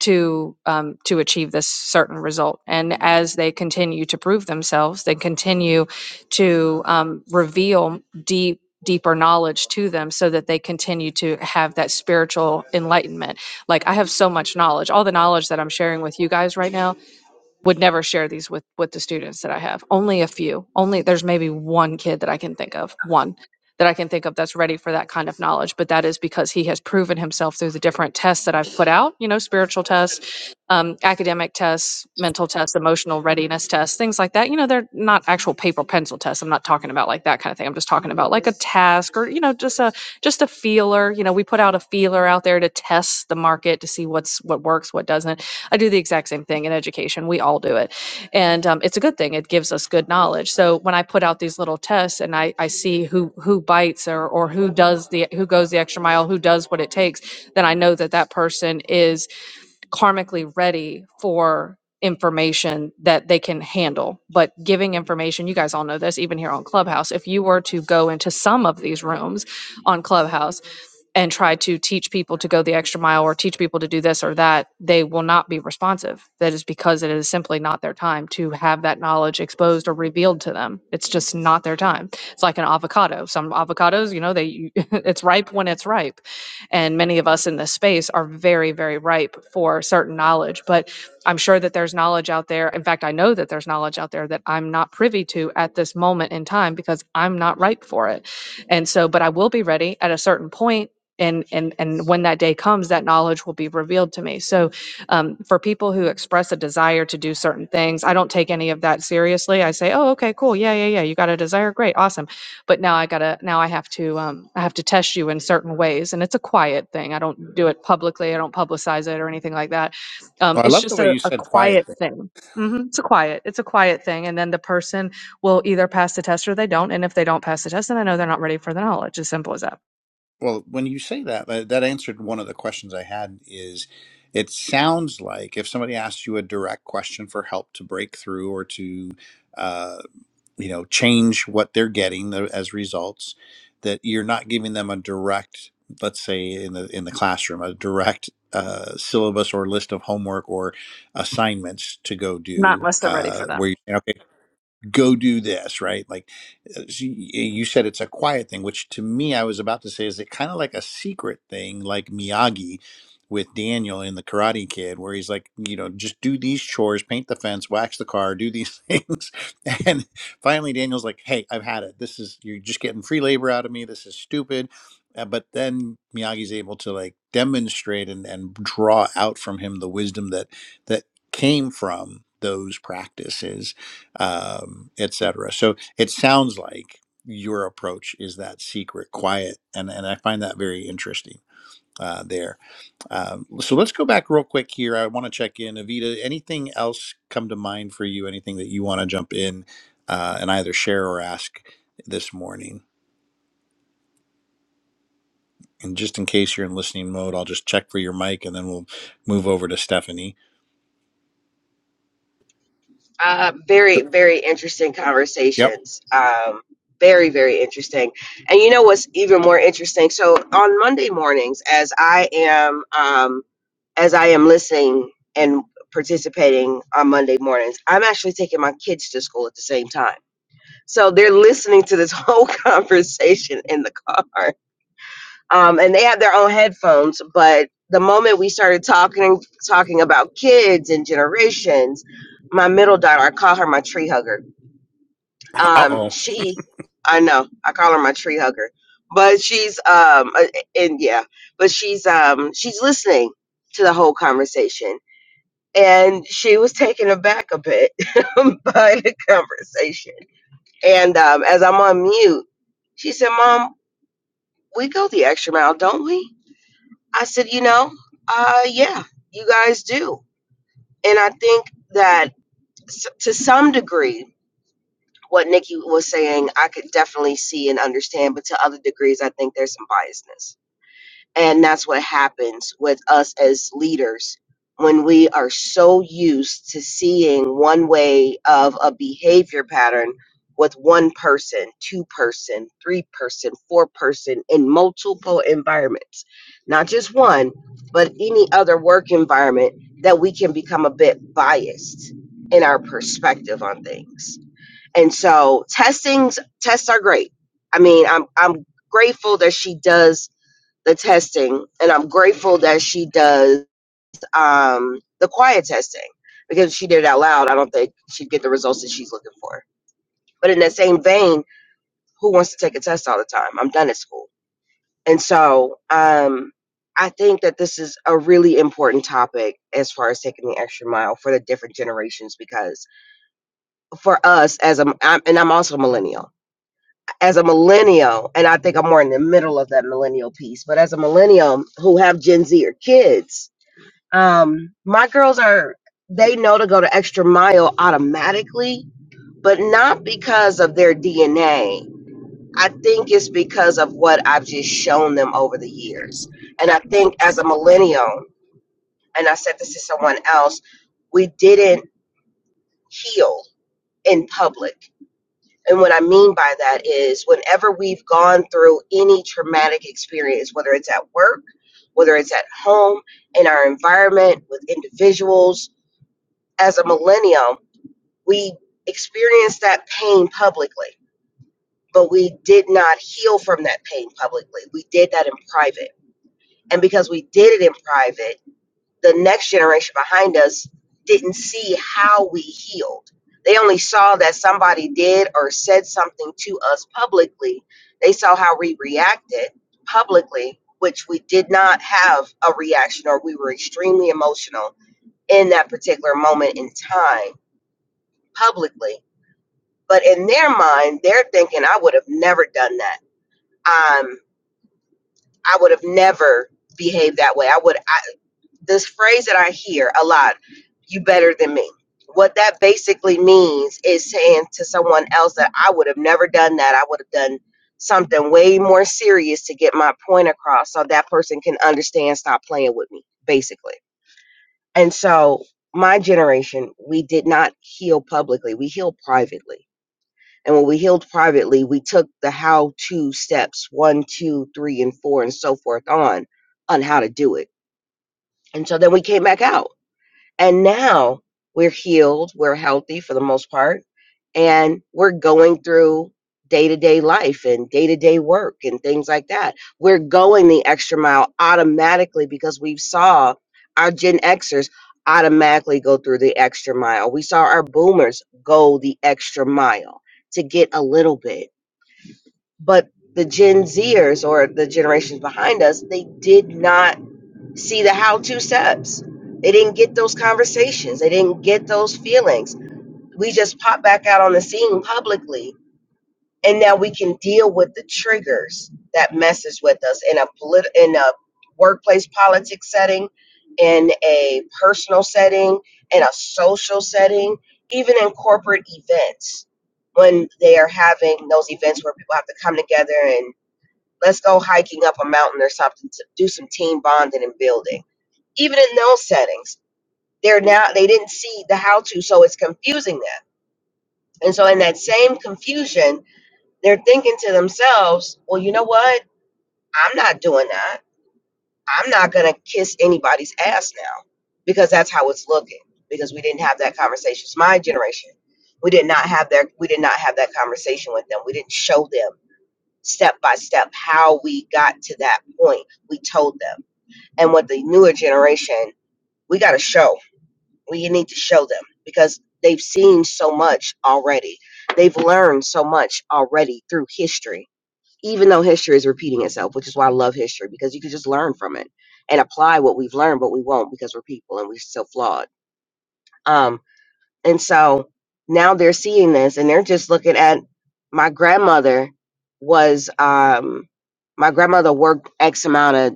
Speaker 4: to um, to achieve this certain result? And as they continue to prove themselves, they continue to um, reveal deep deeper knowledge to them so that they continue to have that spiritual enlightenment like i have so much knowledge all the knowledge that i'm sharing with you guys right now would never share these with with the students that I have. Only a few. Only there's maybe one kid that I can think of, one that I can think of that's ready for that kind of knowledge. But that is because he has proven himself through the different tests that I've put out. You know, spiritual tests, um, academic tests, mental tests, emotional readiness tests, things like that. You know, they're not actual paper pencil tests. I'm not talking about like that kind of thing. I'm just talking about like a task or you know, just a just a feeler. You know, we put out a feeler out there to test the market to see what's what works, what doesn't I do the exact same thing in education. We all do it. And um, it's a good thing. It gives us good knowledge. So when I put out these little tests and I, I see who, who bites or, or who does the, who goes the extra mile, who does what it takes, then I know that that person is karmically ready for information that they can handle. But giving information, you guys all know this, even here on Clubhouse, if you were to go into some of these rooms on Clubhouse, and try to teach people to go the extra mile or teach people to do this or that, they will not be responsive. That is because it is simply not their time to have that knowledge exposed or revealed to them. It's just not their time. It's like an avocado. Some avocados, you know, they it's ripe when it's ripe and many of us in this space are very very ripe for certain knowledge but i'm sure that there's knowledge out there in fact i know that there's knowledge out there that i'm not privy to at this moment in time because i'm not ripe for it and so but i will be ready at a certain point and and and when that day comes that knowledge will be revealed to me so um, for people who express a desire to do certain things i don't take any of that seriously i say oh okay cool yeah yeah yeah you got a desire great awesome but now I gotta now I have to um, I have to test you in certain ways, and it's a quiet thing. I don't do it publicly. I don't publicize it or anything like that. Um,
Speaker 1: Well, I
Speaker 4: it's
Speaker 1: love the
Speaker 4: just
Speaker 1: way
Speaker 4: a,
Speaker 1: you
Speaker 4: a
Speaker 1: said quiet
Speaker 4: quiet
Speaker 1: thing.
Speaker 4: thing. hmm It's a quiet. It's a quiet thing, and then the person will either pass the test or they don't. And if they don't pass the test, then I know they're not ready for the knowledge. As simple as that.
Speaker 1: Well, when you say that, that that answered one of the questions I had is it sounds like if somebody asks you a direct question for help to break through or to uh, you know change what they're getting tho- as results, that you're not giving them a direct, let's say in the in the classroom, a direct uh, syllabus or list of homework or assignments to go
Speaker 4: Not
Speaker 1: do.
Speaker 4: unless they're ready
Speaker 1: Uh,
Speaker 4: for that.
Speaker 1: where you okay, go do this right like uh, so y- you said it's a quiet thing which to me i was about to say is it kind of like a secret thing like miyagi with daniel in the karate kid where he's like you know just do these chores paint the fence wax the car do these things and finally daniel's like hey i've had it this is you're just getting free labor out of me this is stupid uh, but then miyagi's able to like demonstrate and, and draw out from him the wisdom that that came from those practices um, etc. So it sounds like your approach is that secret, quiet, and and I find that very interesting uh, there. Um, so let's go back real quick here. I want to check in, Avita. Anything else come to mind for you? Anything that you want to jump in uh, and either share or ask this morning? And just in case you're in listening mode, I'll just check for your mic, and then we'll move over to Stephanie.
Speaker 3: Uh, very, very interesting
Speaker 1: Yep.
Speaker 3: conversations. Um, very, very interesting. And you know what's even more interesting? So on Monday mornings, as I am, um, as I am listening and participating on Monday mornings, I'm actually taking my kids to school at the same time. So they're listening to this whole conversation in the car. um, and they have their own headphones. But the moment we started talking talking about kids and generations, my middle daughter, I call her my tree hugger.
Speaker 1: Uh
Speaker 3: Um,
Speaker 1: oh.
Speaker 3: she, I know, I call her my tree hugger, but she's um, uh, and yeah, but she's um, she's listening to the whole conversation. And she was taken aback a bit by the conversation. And um, as I'm on mute, she said, "Mom, we go the extra mile, don't we?" I said, you know, uh, yeah, you guys do. And I think that s- to some degree, what Nikki was saying, I could definitely see and understand, but to other degrees, I think there's some biasness. And that's what happens with us as leaders when we are so used to seeing one way of a behavior pattern with one person, two person, three person, four person in multiple environments, not just one, but any other work environment that we can become a bit biased in our perspective on things. And so testings tests are great. I mean, I'm I'm grateful that she does the testing and i'm grateful that she does um, the quiet testing because if she did it out loud i don't think she'd get the results that she's looking for but in that same vein who wants to take a test all the time i'm done at school and so um, i think that this is a really important topic as far as taking the extra mile for the different generations because for us as a I'm, and i'm also a millennial as a millennial and i think i'm more in the middle of that millennial piece but as a millennial who have gen z or kids Um, my girls are they know to go the extra mile automatically, but not because of their DNA. I think it's because of what I've just shown them over the years. And I think as a millennial, and I said this to someone else, we didn't heal in public. And what I mean by that is whenever we've gone through any traumatic experience, whether it's at work, whether it's at home, in our environment, with individuals, as a millennium, we experienced that pain publicly, but we did not heal from that pain publicly. We did that in private. And because we did it in private, the next generation behind us didn't see how we healed. They only saw that somebody did or said something to us publicly. They saw how we reacted publicly, which we did not have a reaction or we were extremely emotional in that particular moment in time publicly But in their mind, they're thinking, I would have never done that. Um, I would have never behaved that way. I would, I, this phrase that I hear a lot, you better than me. What that basically means is saying to someone else that I would have never done that. I would have done something way more serious to get my point across so that person can understand, stop playing with me, basically. And so, my generation, we did not heal publicly, we healed privately And when we healed privately, we took the how to steps one, two, three, and four, and so forth on, on how to do it. And so then we came back out. And now we're healed, we're healthy for the most part, and we're going through day to day life and day to day work and things like that. We're going the extra mile automatically because we saw our Gen Xers automatically go through the extra mile. We saw our boomers go the extra mile to get a little bit but the Gen Zers or the generations behind us, they did not see the how to steps. They didn't get those conversations. They didn't get those feelings. We just pop back out on the scene publicly, and now we can deal with the triggers that messes with us in a polit- in a workplace politics setting, in a personal setting, in a social setting, even in corporate events when they are having those events where people have to come together and. Let's go hiking up a mountain or something to do some team bonding and building. Even in those settings, they're now they didn't see the how to, so it's confusing them. And so in that same confusion, they're thinking to themselves, well, you know what? I'm not doing that. I'm not gonna kiss anybody's ass now because that's how it's looking. Because we didn't have that conversation. It's my generation. We did not have their we did not have that conversation with them. We didn't show them step by step how we got to that point. We told them. and with the newer generation we got to show we need to show them because they've seen so much already they've learned so much already through history even though history is repeating itself which is why i love history because you can just learn from it and apply what we've learned but we won't because we're people and we're still flawed um and so now they're seeing this and they're just looking at my grandmother was um my grandmother worked x amount of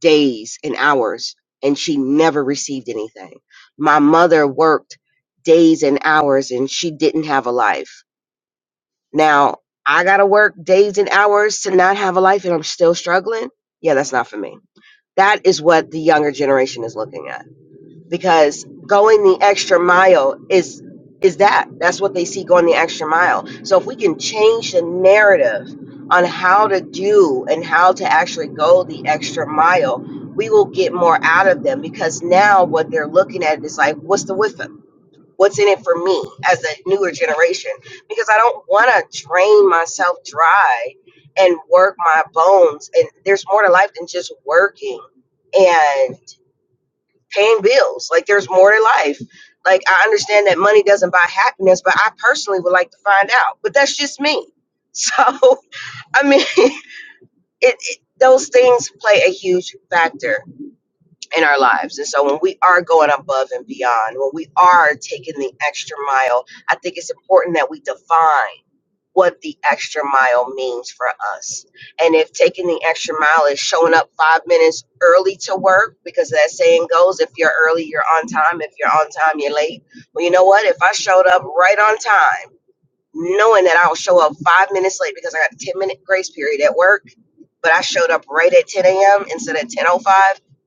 Speaker 3: days and hours and she never received anything. My mother worked days and hours and she didn't have a life. Now, I got to work days and hours to not have a life and I'm still struggling. Yeah, that's not for me. That is what the younger generation is looking at because going the extra mile is is that that's what they see going the extra mile so if we can change the narrative on how to do and how to actually go the extra mile we will get more out of them because now what they're looking at is like what's the with them what's in it for me as a newer generation because i don't want to drain myself dry and work my bones and there's more to life than just working and paying bills. Like there's more to life. Like I understand that money doesn't buy happiness, but I personally would like to find out. But that's just me. So I mean, it, it those things play a huge factor in our lives. And so when we are going above and beyond, when we are taking the extra mile, I think it's important that we define what the extra mile means for us. And if taking the extra mile is showing up five minutes early to work, because that saying goes, if you're early, you're on time. If you're on time, you're late. Well, you know what? If I showed up right on time, knowing that I'll show up five minutes late because I got a 10 minute grace period at work, but I showed up right at 10 a.m. instead of 10.05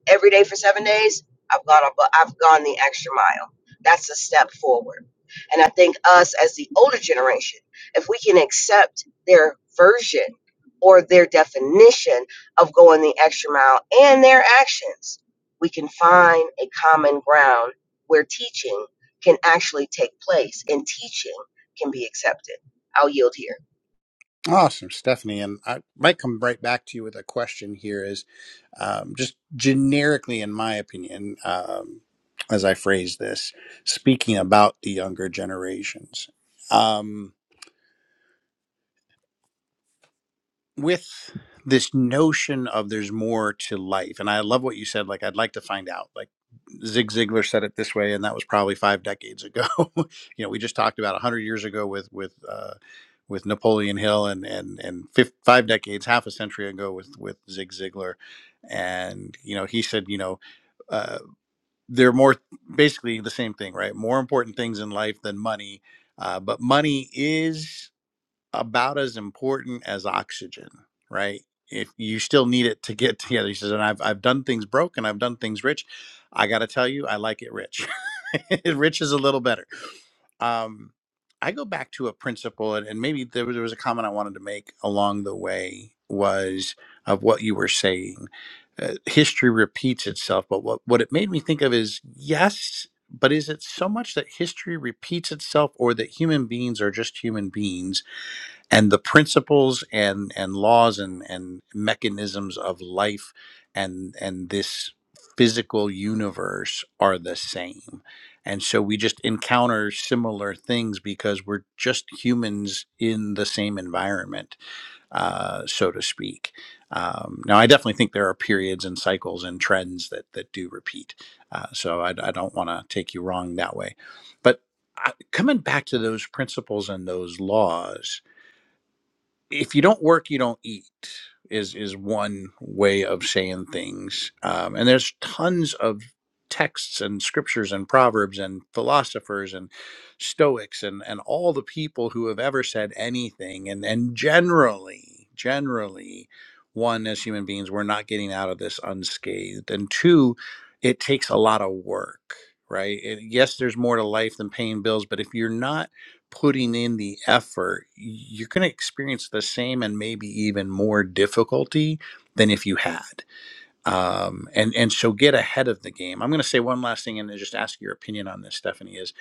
Speaker 3: every day for seven days, I've gone, up, I've gone the extra mile. That's a step forward. And I think us as the older generation, if we can accept their version or their definition of going the extra mile and their actions, we can find a common ground where teaching can actually take place in teaching can be accepted. I'll yield here.
Speaker 1: Awesome, Stephanie. And I might come right back to you with a question here is um, just generically, in my opinion, um, as I phrase this, speaking about the younger generations. Um, with this notion of there's more to life and i love what you said like i'd like to find out like zig ziglar said it this way and that was probably five decades ago you know we just talked about 100 years ago with with uh with napoleon hill and and and fif- five decades half a century ago with with zig ziglar and you know he said you know uh, they're more basically the same thing right more important things in life than money uh, but money is about as important as oxygen, right? If you still need it to get together, he says, and I've I've done things broke and I've done things rich. I gotta tell you, I like it rich. rich is a little better. Um, I go back to a principle, and, and maybe there was, there was a comment I wanted to make along the way was of what you were saying. Uh, history repeats itself, but what what it made me think of is yes, but is it so much that history repeats itself, or that human beings are just human beings? and the principles and and laws and and mechanisms of life and and this physical universe are the same and so we just encounter similar things because we're just humans in the same environment uh, so to speak um, now i definitely think there are periods and cycles and trends that that do repeat uh, so i, I don't want to take you wrong that way but I, coming back to those principles and those laws if you don't work, you don't eat is is one way of saying things. Um, and there's tons of texts and scriptures and proverbs and philosophers and stoics and and all the people who have ever said anything and and generally generally one as human beings we're not getting out of this unscathed and two it takes a lot of work right It- yes there's more to life than paying bills but if you're not putting in the effort, you're going to experience the same and maybe even more difficulty than if you had. Um, and and so get ahead of the game. I'm going to say one last thing and then just ask your opinion on this, Stephanie. Is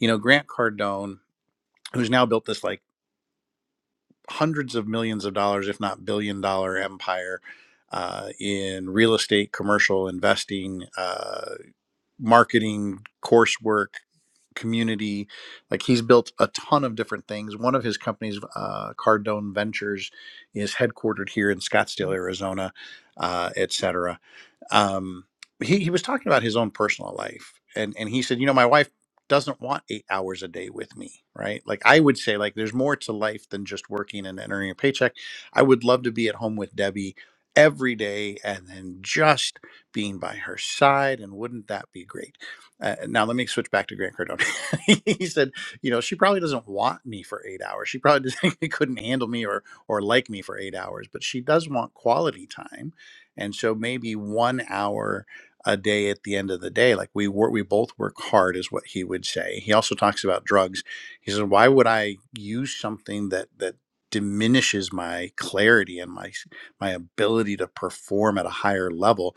Speaker 1: you know Grant Cardone, who's now built this like hundreds of millions of dollars, if not billion dollar empire. Uh, in real estate, commercial investing, uh, marketing, coursework, community. Like he's built a ton of different things. One of his companies, uh, Cardone Ventures, is headquartered here in Scottsdale, Arizona, uh, et cetera um, he, he was talking about his own personal life and, and he said you know my wife doesn't want eight hours a day with me right like i would say like there's more to life than just working and earning a paycheck i would love to be at home with debbie every day and then just being by her side and wouldn't that be great uh, now let me switch back to grant cardone he said you know she probably doesn't want me for eight hours she probably doesn't, couldn't handle me or or like me for eight hours but she does want quality time and so maybe one hour a day at the end of the day like we work we both work hard is what he would say he also talks about drugs he says why would i use something that that diminishes my clarity and my my ability to perform at a higher level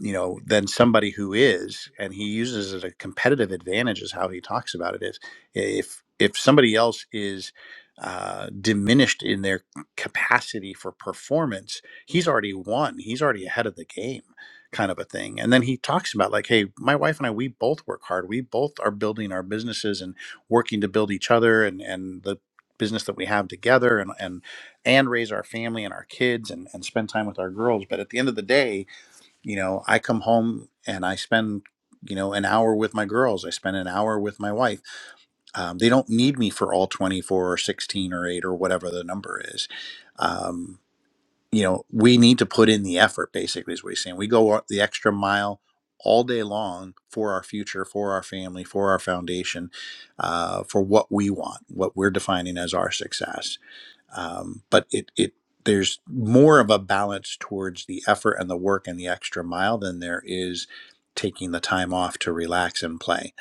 Speaker 1: you know, than somebody who is, and he uses it as a competitive advantage is how he talks about it is if if somebody else is uh, diminished in their capacity for performance, he's already won. He's already ahead of the game, kind of a thing. And then he talks about like, hey, my wife and I, we both work hard. We both are building our businesses and working to build each other and and the business that we have together and and and raise our family and our kids and and spend time with our girls. But at the end of the day, you know, I come home and I spend, you know, an hour with my girls. I spend an hour with my wife. Um, they don't need me for all 24 or 16 or 8 or whatever the number is. Um, you know, we need to put in the effort, basically, is what he's saying. We go the extra mile all day long for our future, for our family, for our foundation, uh, for what we want, what we're defining as our success um, but it it there's more of a balance towards the effort and the work and the extra mile than there is taking the time off to relax and play.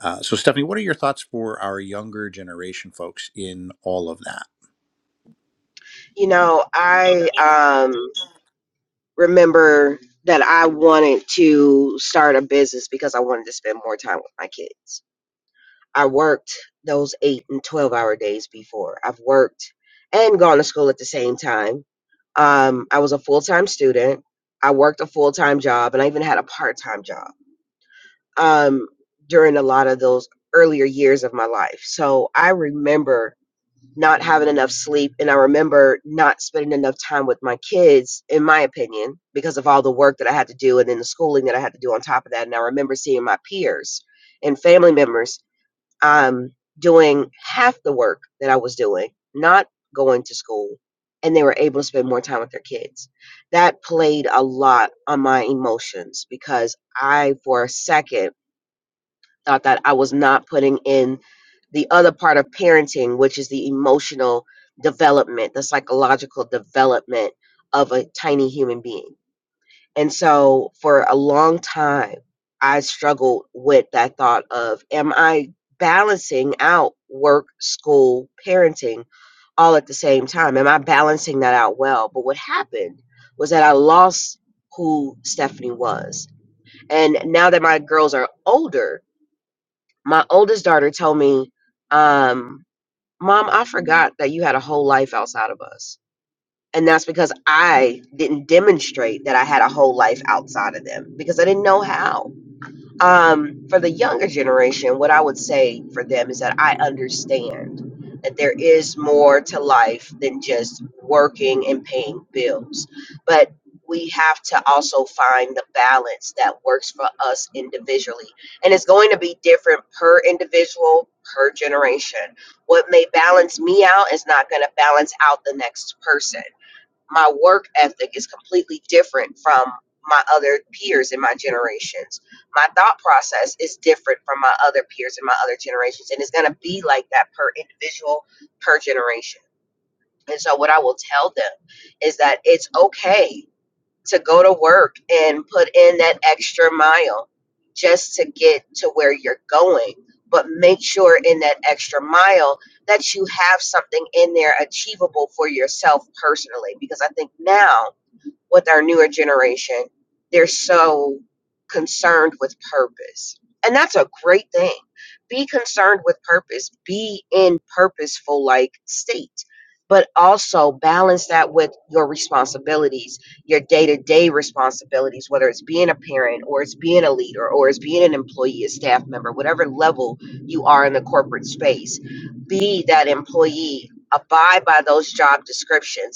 Speaker 1: Uh, so, Stephanie, what are your thoughts for our younger generation folks in all of that?
Speaker 3: You know, I um, remember that I wanted to start a business because I wanted to spend more time with my kids. I worked those eight and 12 hour days before. I've worked and gone to school at the same time. Um, I was a full time student. I worked a full time job and I even had a part time job um, during a lot of those earlier years of my life. So I remember not having enough sleep and i remember not spending enough time with my kids in my opinion because of all the work that i had to do and then the schooling that i had to do on top of that and i remember seeing my peers and family members um, doing half the work that i was doing not going to school and they were able to spend more time with their kids that played a lot on my emotions because i for a second thought that I was not putting in the other part of parenting, which is the emotional development, the psychological development of a tiny human being. And so for a long time, I struggled with that thought of, am I balancing out work, school, parenting all at the same time? Am I balancing that out well? But what happened was that I lost who Stephanie was. And now that my girls are older, my oldest daughter told me, um, Mom, I forgot that you had a whole life outside of us. And that's because I didn't demonstrate that I had a whole life outside of them because I didn't know how. Um, for the younger generation, what I would say for them is that I understand that there is more to life than just working and paying bills. But we have to also find the balance that works for us individually. And it's going to be different per individual, per generation. What may balance me out is not going to balance out the next person my work ethic is completely different from my other peers in my generations. My thought process is different from my other peers in my other generations. And it's going to be like that per individual, per generation. And so, what I will tell them is that it's okay to go to work and put in that extra mile just to get to where you're going. But make sure in that extra mile that you have something in there achievable for yourself personally. Because I think now with our newer generation. They're so concerned with purpose. And that's a great thing. Be concerned with purpose, be in purposeful like state, but also balance that with your responsibilities, your day to day responsibilities, whether it's being a parent or it's being a leader or it's being an employee, a staff member, whatever level you are in the corporate space. Be that employee, abide by those job descriptions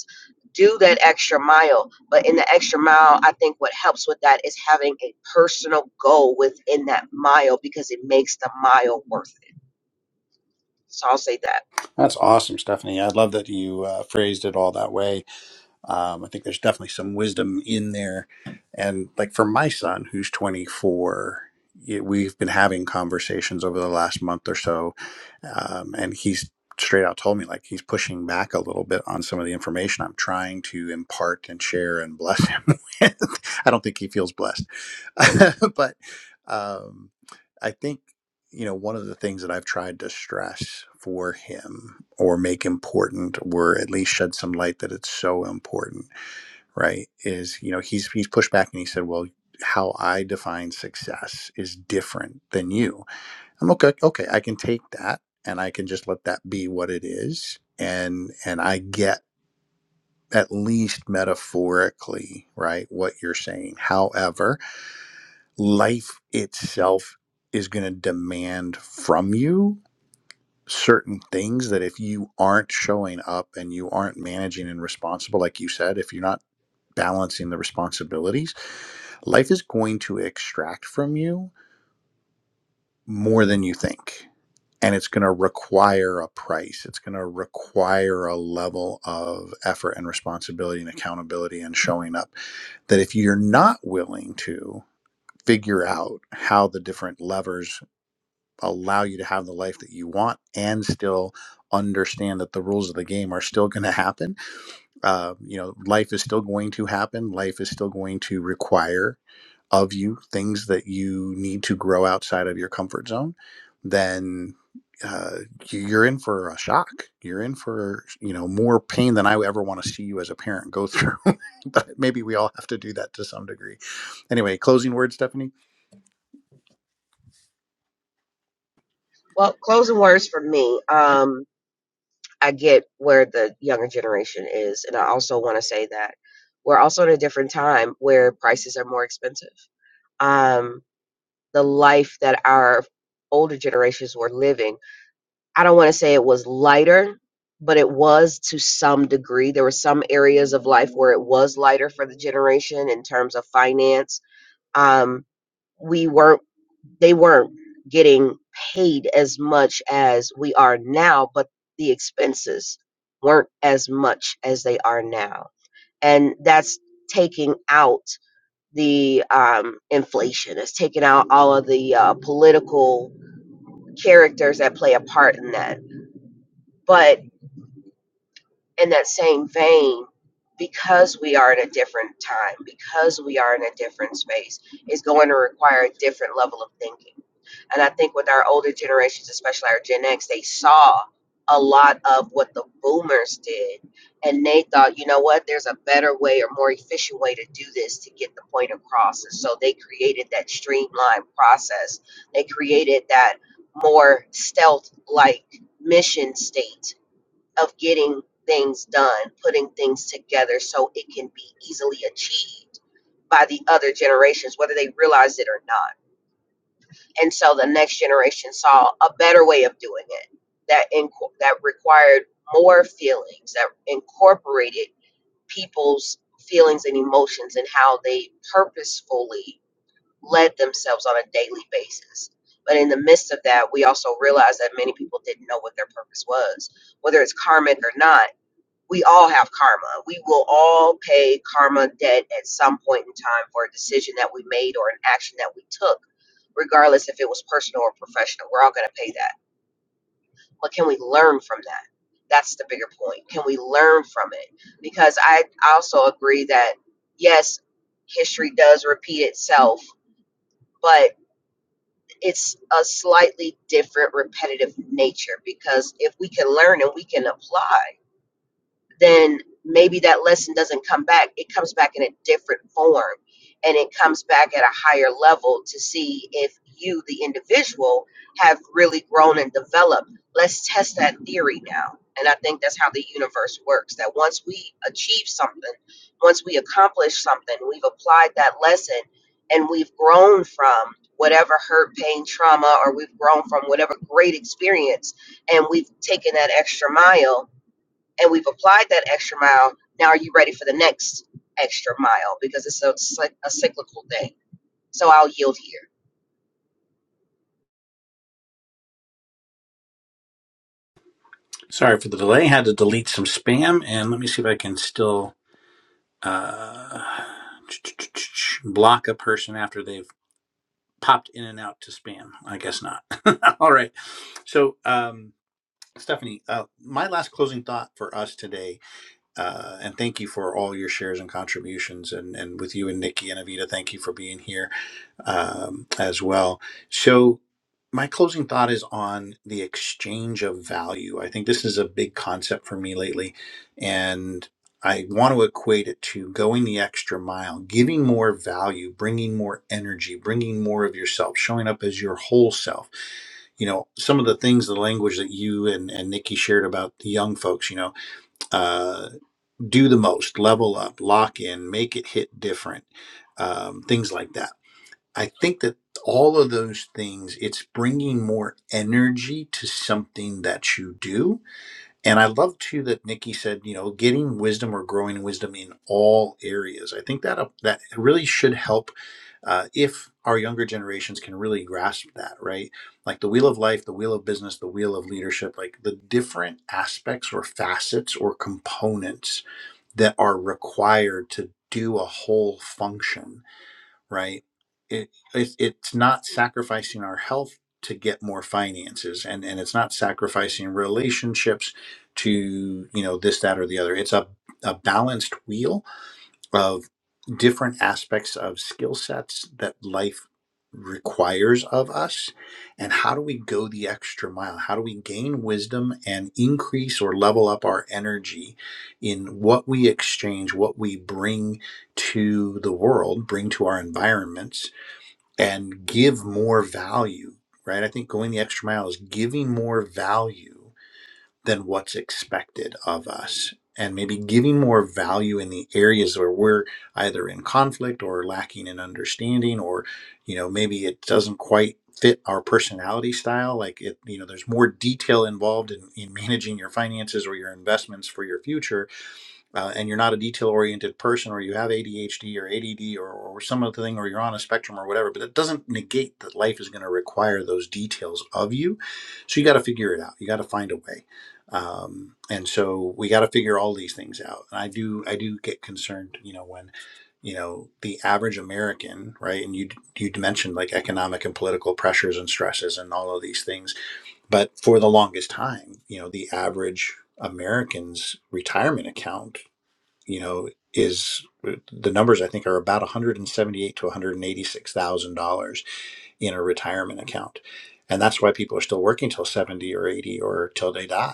Speaker 3: do that extra mile. But in the extra mile, I think what helps with that is having a personal goal within that mile because it makes the mile worth it. So I'll say that.
Speaker 1: That's awesome, Stephanie. I love that you uh, phrased it all that way. Um, I think there's definitely some wisdom in there. And like for my son, who's 24, y- we've been having conversations over the last month or so. Um, and he's straight out told me like he's pushing back a little bit on some of the information I'm trying to impart and share and bless him with. I don't think he feels blessed. but um, I think you know, one of the things that I've tried to stress for him or make important or at least shed some light that it's so important, right? Is, you know, he's he's pushed back and he said, Well, how I define success is different than you. I'm okay, okay, I can take that and I can just let that be what it is. And and I get at least metaphorically, right, what you're saying. However, life itself is going to demand from you certain things that if you aren't showing up and you aren't managing and responsible, like you said, if you're not balancing the responsibilities, life is going to extract from you more than you think. And it's going to require a price. It's going to require a level of effort and responsibility and accountability and showing up that if you're not willing to figure out how the different levers allow you to have the life that you want and still understand that the rules of the game are still going to happen. Uh, you know, life is still going to happen. Life is still going to require of you things that you need to grow outside of your comfort zone. Then uh, you- are in for a shock. You're in for you know more pain than I ever want to see you as a parent go through. but maybe we all have to do that to some degree. Anyway, closing words, Stephanie.
Speaker 3: Well, closing words for me. Um, I get where the younger generation is, and I also want to say that we're also in a different time where prices are more expensive. Um, the life that our older generations were living I don't want to say it was lighter, but it was to some degree. There were some areas of life where it was lighter for the generation in terms of finance. Um, we weren't, they weren't getting paid as much as we are now, but the expenses weren't as much as they are now. And that's taking out the um, inflation, it's taking out all of the uh, political characters that play a part in that. But in that same vein, because we are in a different time, because we are in a different space, is going to require a different level of thinking. And I think with our older generations, especially our Gen X, they saw a lot of what the boomers did. And they thought, you know what, there's a better way or more efficient way to do this to get the point across. And so they created that streamlined process. They created that more stealth like mission state of getting things done, putting things together so it can be easily achieved by the other generations, whether they realize it or not. And so the next generation saw a better way of doing it that inco- that required more feelings, that incorporated people's feelings and emotions and how they purposefully led themselves on a daily basis. But in the midst of that, we also realized that many people didn't know what their purpose was, whether it's karmic or not we all have karma. We will all pay karma debt at some point in time for a decision that we made or an action that we took, regardless if it was personal or professional. We're all going to pay that. But can we learn from that? That's the bigger point. Can we learn from it? Because I also agree that, yes, history does repeat itself, but it's a slightly different repetitive nature because if we can learn and we can apply then maybe that lesson doesn't come back. It comes back in a different form and it comes back at a higher level to see if you, the individual, have really grown and developed. Let's test that theory now. And I think that's how the universe works that once we achieve something, once we accomplish something, we've applied that lesson and we've grown from whatever hurt, pain, trauma, or we've grown from whatever great experience, and we've taken that extra mile and we've applied that extra mile. Now, are you ready for the next extra mile? Because it's a, a cyclical thing. So I'll yield here.
Speaker 1: Sorry for the delay. I Had to delete some spam, and let me see if I can still uh, block a person after they've popped in and out to spam. I guess not. All right. So, um, Stephanie, uh, my last closing thought for us today, uh, and thank you for all your shares and contributions, and and with you and Nikki and Avita, thank you for being here um, as well. So, my closing thought is on the exchange of value. I think this is a big concept for me lately, and I want to equate it to going the extra mile, giving more value, bringing more energy, bringing more of yourself, showing up as your whole self you know some of the things the language that you and, and nikki shared about the young folks you know uh, do the most level up lock in make it hit different um, things like that I think that all of those things, it's bringing more energy to something that you do. And I love too that Nikki said, you know, getting wisdom or growing wisdom in all areas. I think that uh, that really should help uh, if our younger generations can really grasp that, right? Like the wheel of life, the wheel of business, the wheel of leadership, like the different aspects or facets or components that are required to do a whole function right? It, it it's not sacrificing our health to get more finances, and and it's not sacrificing relationships to you know this that or the other. It's a a balanced wheel of different aspects of skill sets that life requires of us and how do we go the extra mile how do we gain wisdom and increase or level up our energy in what we exchange what we bring to the world bring to our environments and give more value right i think going the extra mile is giving more value than what's expected of us and maybe giving more value in the areas where we're either in conflict or lacking in understanding or you know maybe it doesn't quite fit our personality style like it you know there's more detail involved in, in managing your finances or your investments for your future uh, and you're not a detail oriented person or you have ADHD or ADD or, or some other thing or you're on a spectrum or whatever, but it doesn't negate that life is going to require those details of you. So you got to figure it out. You got to find a way. Um, and so we got to figure all these things out. And I do, I do get concerned, you know, when, you know, the average American, right. And you, you mentioned like economic and political pressures and stresses and all of these things. But for the longest time, you know, the average American's retirement account you know, is the numbers I think are about 178 to 186 thousand dollars in a retirement account, and that's why people are still working till 70 or 80 or till they die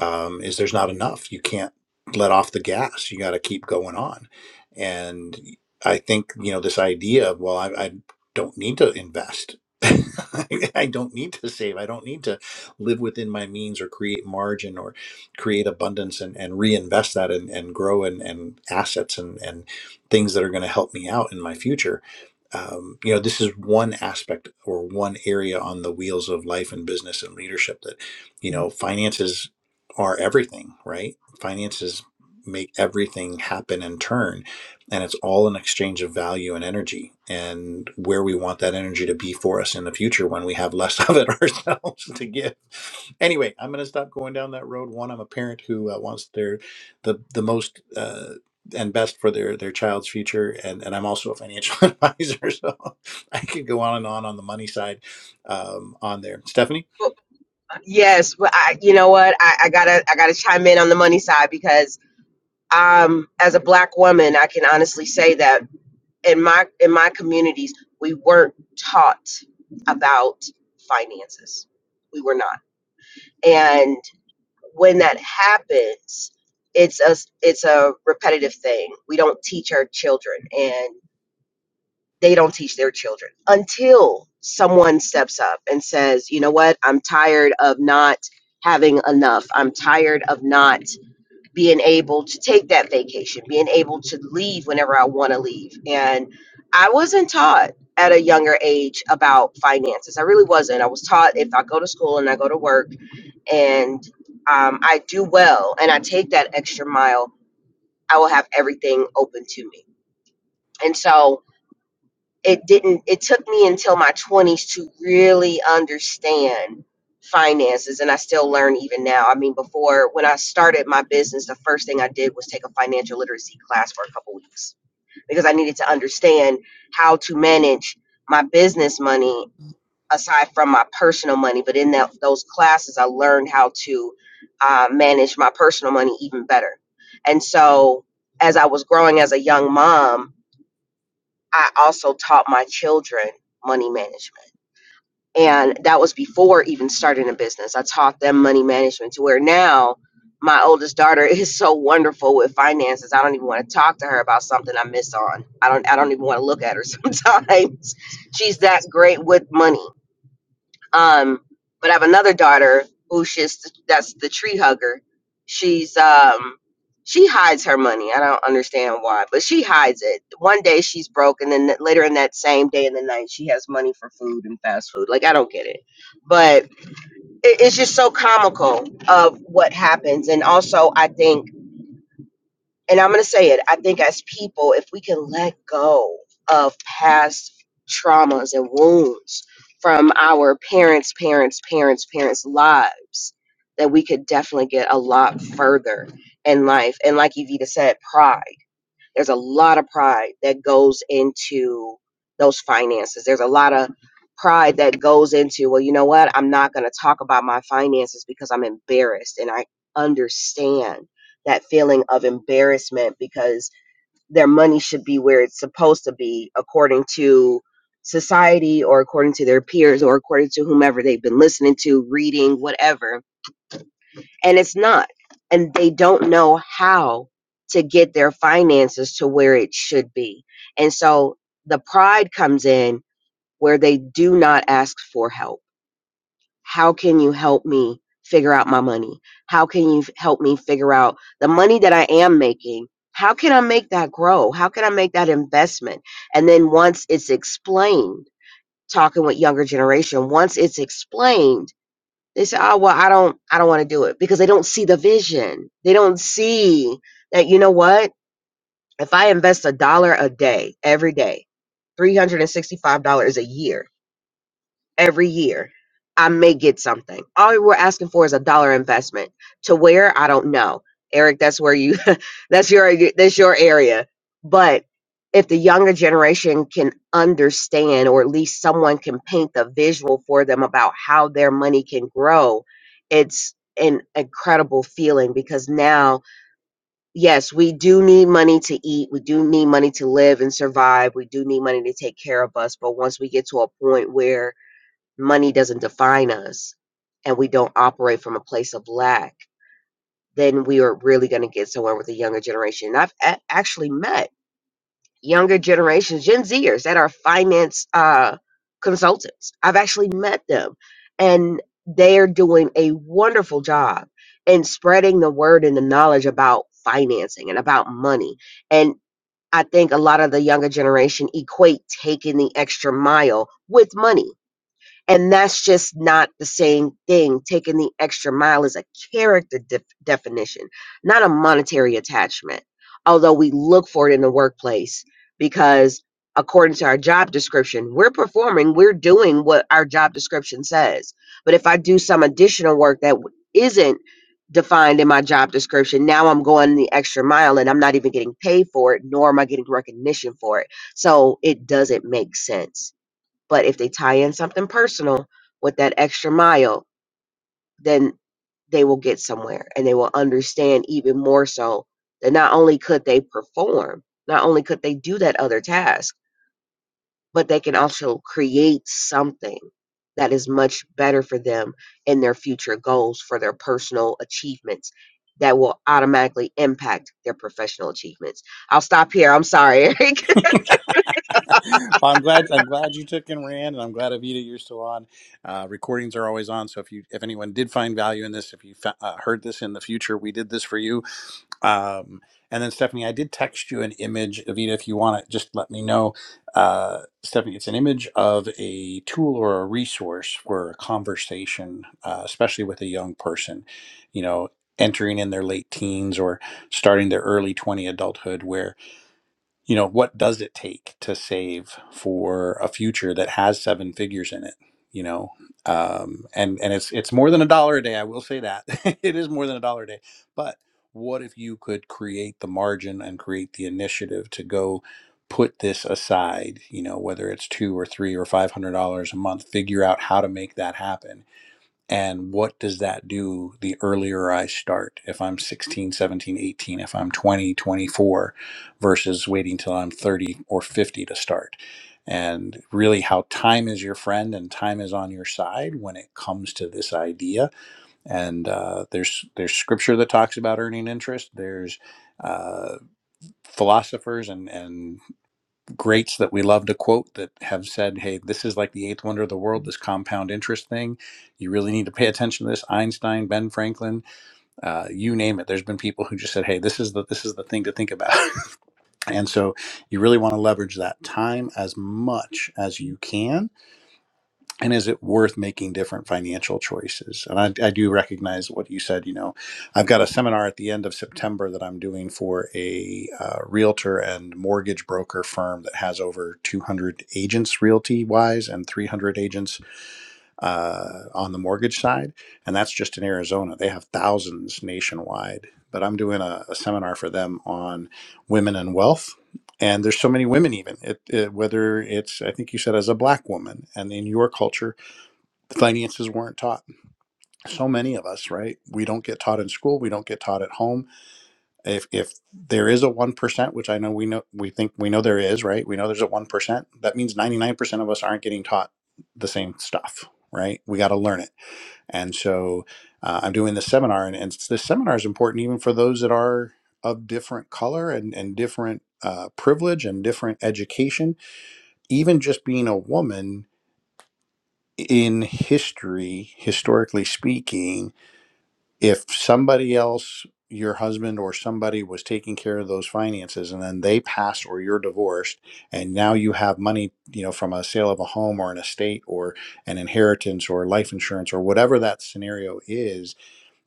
Speaker 1: um, is there's not enough. You can't let off the gas. You got to keep going on. And I think you know this idea of well, I, I don't need to invest. I I don't need to save. I don't need to live within my means or create margin or create abundance and, and reinvest that and, and grow and, and assets and, and things that are going to help me out in my future. Um, you know, this is one aspect or one area on the wheels of life and business and leadership that you know finances are everything, right? Finances make everything happen and turn. And it's all an exchange of value and energy and where we want that energy to be for us in the future when we have less of it ourselves to give. Anyway, I'm going to stop going down that road. One, I'm a parent who uh, wants their the the most uh, and best for their their child's future, and and I'm also a financial advisor, so I could go on and on on the money side um, on there. Stephanie.
Speaker 3: Yes, but I, you know what? I, I gotta, I gotta chime in on the money side because, um, as a black woman, I can honestly say that in my in my communities, we weren't taught about finances. We were not, and when that happens, it's a it's a repetitive thing. We don't teach our children, and. they don't teach their children until someone steps up and says, you know what, I'm tired of not having enough. I'm tired of not being able to take that vacation, being able to leave whenever I want to leave. And I wasn't taught at a younger age about finances. I really wasn't. I was taught if I go to school and I go to work and um, I do well and I take that extra mile, I will have everything open to me. And so, it didn't it took me until my 20s to really understand finances and I still learn even now. I mean before when I started my business the first thing I did was take a financial literacy class for a couple weeks because I needed to understand how to manage my business money aside from my personal money but in that those classes I learned how to uh, manage my personal money even better. And so as I was growing as a young mom I also taught my children money management. And that was before even starting a business. I taught them money management to where now my oldest daughter is so wonderful with finances. I don't even want to talk to her about something I miss on. I don't I don't even want to look at her sometimes. She's that great with money. Um, but I have another daughter who she's that's the tree hugger. She's um she hides her money. I don't understand why, but she hides it. One day she's broke, and then th- later in that same day in the night, she has money for food and fast food. Like I don't get it, but it, it's just so comical of what happens. And also, I think and I'm going to say it, I think as people, if we can let go of past traumas and wounds from our parents, parents, parents, parents' lives, that we could definitely get a lot further in life. And like Evita said, pride. There's a lot of pride that goes into those finances. There's a lot of pride that goes into, well, you know what? I'm not going to talk about my finances because I'm embarrassed. And I understand that feeling of embarrassment because their money should be where it's supposed to be according to society or according to their peers or according to whomever they've been listening to, reading, whatever and it's not. And they don't know how to get their finances to where it should be. And so the pride comes in where they do not ask for help. How can you help me figure out my money? How can you f- help me figure out the money that I am making? How can I make that grow? How can I make that investment? And then once it's explained, talking with younger generation, once it's explained, they say oh well i don't i don't want to do it because they don't see the vision they don't see that you know what if i invest a dollar a day every day $365 a year every year i may get something all we're asking for is a dollar investment to where i don't know eric that's where you that's your that's your area but if the younger generation can understand or at least someone can paint the visual for them about how their money can grow it's an incredible feeling because now yes we do need money to eat we do need money to live and survive we do need money to take care of us but once we get to a point where money doesn't define us and we don't operate from a place of lack, then we are really going to get somewhere with the younger generation. And I've a- actually met younger generations, Gen Zers, that are finance uh, consultants. I've actually met them, and they are doing a wonderful job in spreading the word and the knowledge about financing and about money. And I think a lot of the younger generation equate taking the extra mile with money and that's just not the same thing. Taking the extra mile is a character def- definition, not a monetary attachment. Although we look for it in the workplace because, according to our job description, we're performing, we're doing what our job description says. But if I do some additional work that w- isn't defined in my job description, now I'm going the extra mile and I'm not even getting paid for it, nor am I getting recognition for it. So it doesn't make sense but if they tie in something personal with that extra mile, then they will get somewhere and they will understand even more so that not only could they perform, not only could they do that other task, but they can also create something that is much better for them in their future goals for their personal achievements that will automatically impact their professional achievements. I'll stop here. I'm sorry, Eric.
Speaker 1: Well, I'm glad. I'm glad you took and ran, and I'm glad Avita you're still on. Uh, recordings are always on, so if you, if anyone did find value in this, if you fa- uh, heard this in the future, we did this for you. Um, and then Stephanie, I did text you an image, Avita. If you want it, just let me know. Uh, Stephanie, it's an image of a tool or a resource for a conversation, uh, especially with a young person. You know, entering in their late teens or starting their early 20 adulthood, where you know what does it take to save for a future that has seven figures in it you know um, and and it's it's more than a dollar a day i will say that it is more than a dollar a day but what if you could create the margin and create the initiative to go put this aside you know whether it's two or three or five hundred dollars a month figure out how to make that happen and what does that do the earlier i start if i'm sixteen, seventeen, eighteen, if i'm twenty, twenty-four, versus waiting till i'm 30 or 50 to start and really how time is your friend and time is on your side when it comes to this idea and uh, there's there's scripture that talks about earning interest there's uh, philosophers and and greats that we love to quote that have said, hey, this is like the eighth wonder of the world, this compound interest thing. You really need to pay attention to this. Einstein, Ben Franklin, uh, you name it. There's been people who just said, hey, this is the this is the thing to think about. and so you really want to leverage that time as much as you can and is it worth making different financial choices and I, I do recognize what you said you know i've got a seminar at the end of september that i'm doing for a uh, realtor and mortgage broker firm that has over 200 agents realty wise and 300 agents uh, on the mortgage side and that's just in arizona they have thousands nationwide but i'm doing a, a seminar for them on women and wealth and there's so many women even it, it, whether it's i think you said as a black woman and in your culture finances weren't taught so many of us right we don't get taught in school we don't get taught at home if if there is a 1% which i know we know we think we know there is right we know there's a 1% that means 99% of us aren't getting taught the same stuff right we got to learn it and so uh, i'm doing this seminar and, and this seminar is important even for those that are of different color and and different uh, privilege and different education even just being a woman in history historically speaking if somebody else your husband or somebody was taking care of those finances and then they pass or you're divorced and now you have money you know from a sale of a home or an estate or an inheritance or life insurance or whatever that scenario is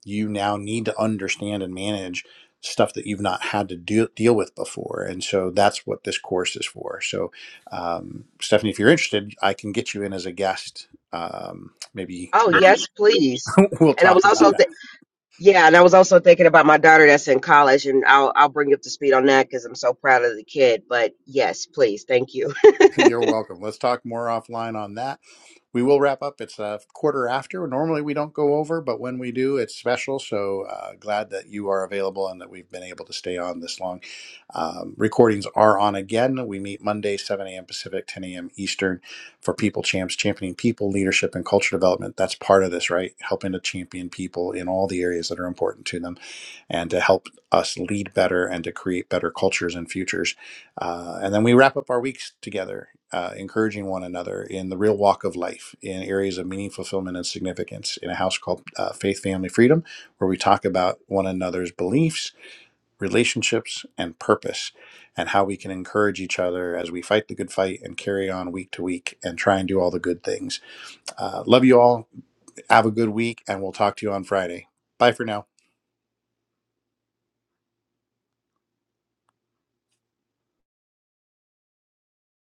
Speaker 1: you now need to understand and manage stuff that you've not had to deal deal with before and so that's what this course is for so um, stephanie if you're interested i can get you in as a guest um, maybe
Speaker 3: Oh,
Speaker 1: we'll,
Speaker 3: yes, please.
Speaker 1: we'll
Speaker 3: And I was
Speaker 1: talk about
Speaker 3: also
Speaker 1: that
Speaker 3: Yeah, and I was also thinking about my daughter that's in college, and I'll I'll bring you up to speed on that because I'm so proud of the kid. But yes, please, thank you.
Speaker 1: You're welcome. Let's talk more offline on that. We will wrap up. It's a quarter after. Normally we don't go over, but when we do, it's special. So uh, glad that you are available and that we've been able to stay on this long. Um, recordings are on again. We meet Monday, 7 a.m. Pacific, 10 a.m. Eastern for People Champs, championing people, leadership, and culture development. That's part of this, right? Helping to champion people in all the areas that are important to them and to help us lead better and to create better cultures and futures uh, and then we wrap up our weeks together, uh, encouraging one another in the real walk of life, in areas of meaning, fulfillment, and significance, in a house called uh, Faith, Family, Freedom, where we talk about one another's beliefs, relationships, and purpose, and how we can encourage each other as we fight the good fight and carry on week to week and try and do all the good things. Uh, love you all. Have a good week, and we'll talk to you on Friday. Bye for now.